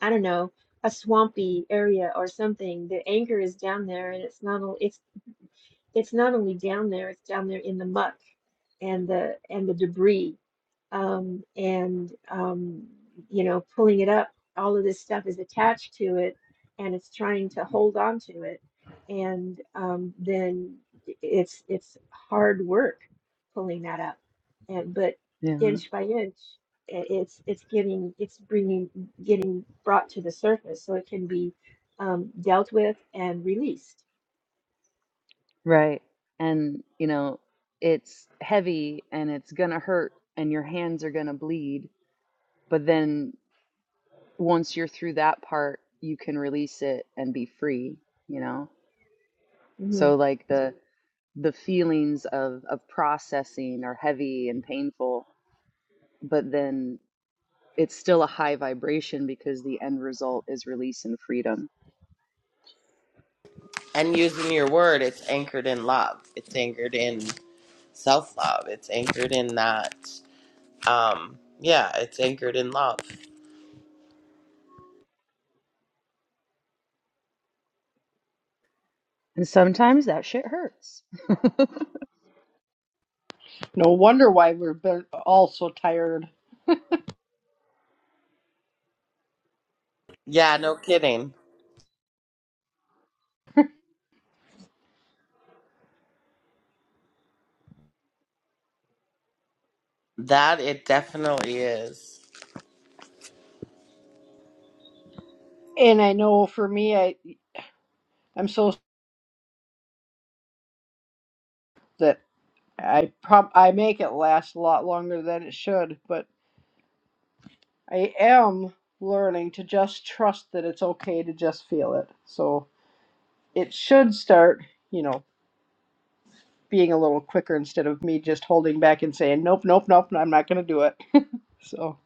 B: I don't know, a swampy area or something. The anchor is down there and it's not only it's it's not only down there, it's down there in the muck and the and the debris um, and um, you know pulling it up all of this stuff is attached to it and it's trying to hold on to it and um, then it's it's hard work pulling that up and but
G: Yeah,
B: inch by inch i- it's it's getting it's bringing getting brought to the surface so it can be um, dealt with and released
G: right. And, you know, it's heavy and it's going to hurt and your hands are going to bleed. But then once you're through that part, you can release it and be free, you know?
B: hmm
G: So, like, the, the feelings of, of processing are heavy and painful, but then it's still a high vibration because the end result is release and freedom.
A: And using your word, it's anchored in love. It's anchored in self-love. It's anchored in that um yeah, it's anchored in love.
G: And sometimes that shit hurts.
C: no wonder why we're been all so tired
A: Yeah, no kidding. That it definitely is.
C: and i know for me i i'm so that i prob i make it last a lot longer than it should but i am learning to just trust that it's okay to just feel it so it should start, you know, being a little quicker instead of me just holding back and saying, nope, nope, nope, I'm not going to do it. So,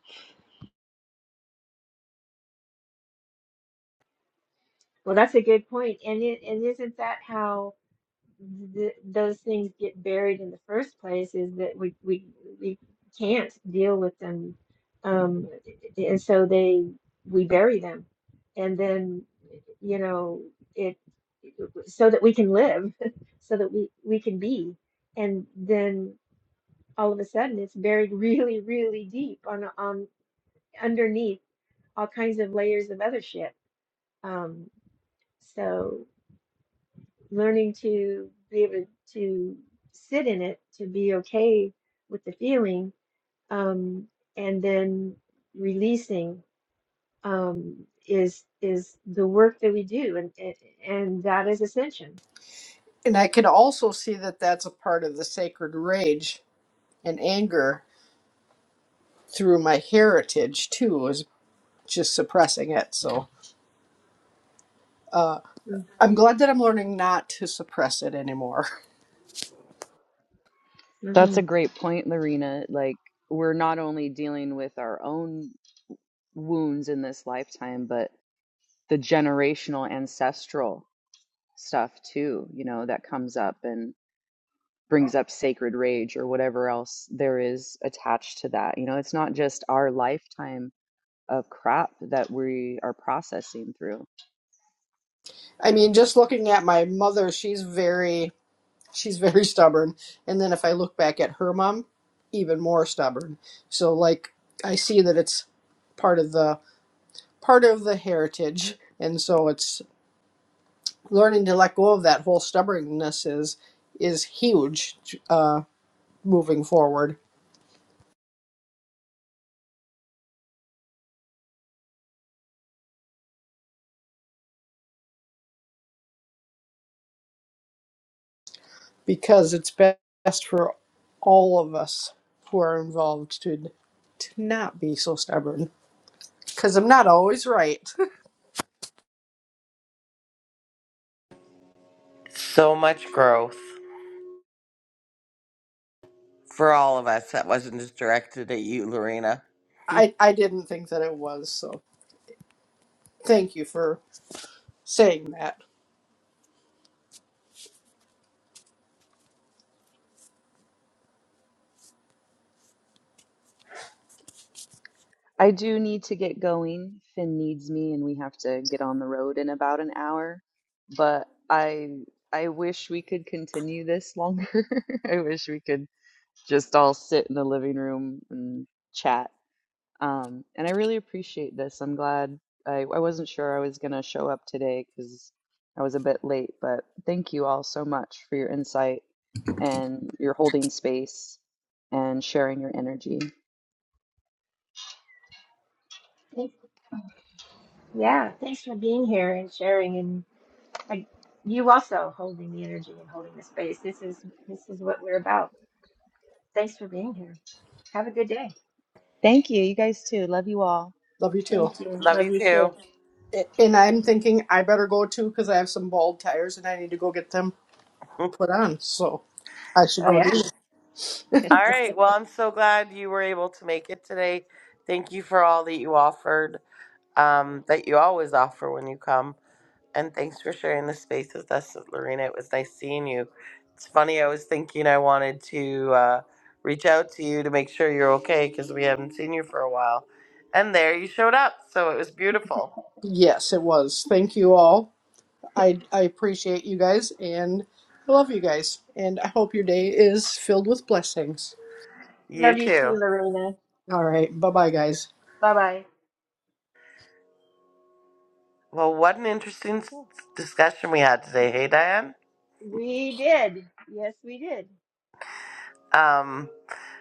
B: well that's a good point and it, and isn't that how th those things get buried in the first place is that we we we can't deal with them, um, and so they we bury them, and then you know it so that we can live, so that we we can be, and then all of a sudden it's buried really really deep on on underneath all kinds of layers of other shit. Um, so learning to be able to sit in it, to be okay with the feeling, um, and then releasing um, is is the work that we do, and and and that is ascension.
C: And I can also see that that's a part of the sacred rage and anger through my heritage, too, is just suppressing it. So uh, I'm glad that I'm learning not to suppress it anymore.
G: That's a
B: Mm-hmm.
G: great point, Lorena. Like, we're not only dealing with our own wounds in this lifetime, but the generational ancestral stuff too, you know, that comes up and brings up sacred rage or whatever else there is attached to that. You know, it's not just our lifetime of crap that we are processing through
C: I mean, just looking at my mother, she's very. She's very stubborn. And then if I look back at her mom, even more stubborn. So, like, I see that it's part of the part of the heritage and so it's learning to let go of that whole stubbornness is is huge uh, moving forward because it's best for all of us who are involved to to not be so stubborn because i'm not always right
A: So much growth for all of us. That wasn't just directed at you, Lorena.
C: i i didn't think that it was so thank you for saying that
G: I do need to get going. Finn needs me, and we have to get on the road in about an hour. But I I wish we could continue this longer. I wish we could just all sit in the living room and chat. Um, and I really appreciate this. I'm glad I, I wasn't sure I was going to show up today because I was a bit late, but thank you all so much for your insight and your holding space and sharing your energy.
B: Thanks. Yeah, thanks for being here and sharing, and like you also holding the energy and holding the space. This is this is what we're about. Thanks for being here. Have a good day.
G: Thank you. You guys too. Love you all.
C: love you too
B: Thank you.
A: Love
B: Love
A: you
B: you too.
A: too.
C: A- and i'm thinking i better go too because i have some bald tires and i need to go get them
A: all
C: put on so i should
B: Oh
C: go do
B: yeah.
A: right. Well, I'm so glad you were able to make it today. Thank you for all that you offered, um, that you always offer when you come. and thanks for sharing the space with us, Lorena. It was nice seeing you. It's funny, I was thinking I wanted to uh, reach out to you to make sure you're okay because we haven't seen you for a while. And there you showed up. So it was beautiful.
C: Yes, it was. Thank you all. I I appreciate you guys and I love you guys and I hope your day is filled with blessings.
A: You
B: Love you
A: too.
B: too, Lorena.
C: All right. Bye-bye guys.
B: Bye bye.
A: Well, what an interesting s-
B: Okay.
A: discussion we had today. Hey, Diane?
B: We did. Yes, we did.
A: Um,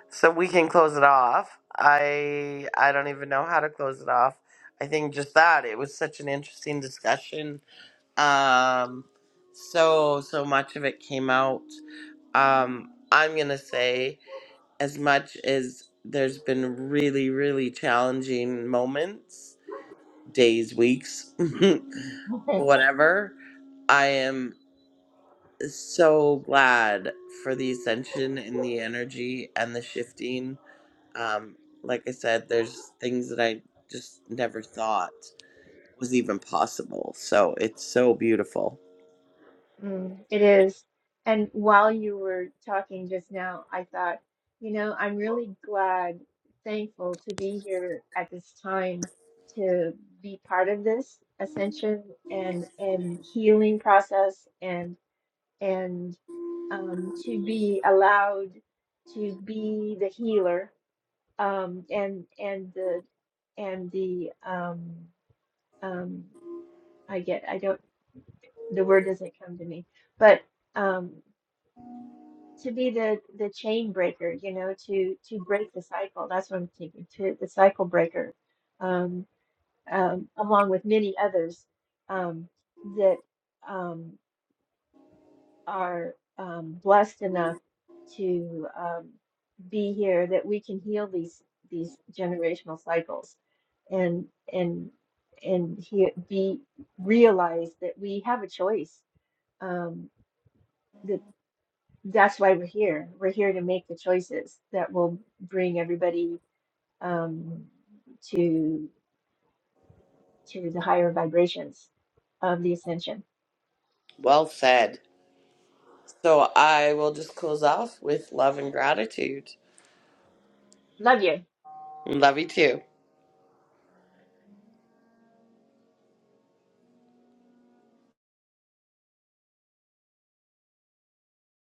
A: so we can close it off. I I don't even know how to close it off. I think just that it was such an interesting discussion um so so much of it came out um i'm gonna say as much as there's been really really challenging moments days weeks whatever i am so glad for the ascension and the energy and the shifting um like i said there's things that i just never thought was even possible so it's so beautiful
B: Mm, it is. And while you were talking just now, I thought, you know, I'm really glad, thankful to be here at this time to be part of this ascension and and healing process and and um, to be allowed to be the healer um, and and the and the um, um, I get, I don't, the word doesn't come to me, but um, to be the the chain breaker, you know, to to break the cycle. That's what I'm thinking. To the cycle breaker, um, um, along with many others um, that um, are um, blessed enough to um, be here, that we can heal these these generational cycles, and and and he, be realize that we have a choice Um, that that's why we're here. We're here to make the choices that will bring everybody um, to to the higher vibrations of the ascension.
A: well said So I will just close off with love and gratitude.
B: Love you.
A: Love you too.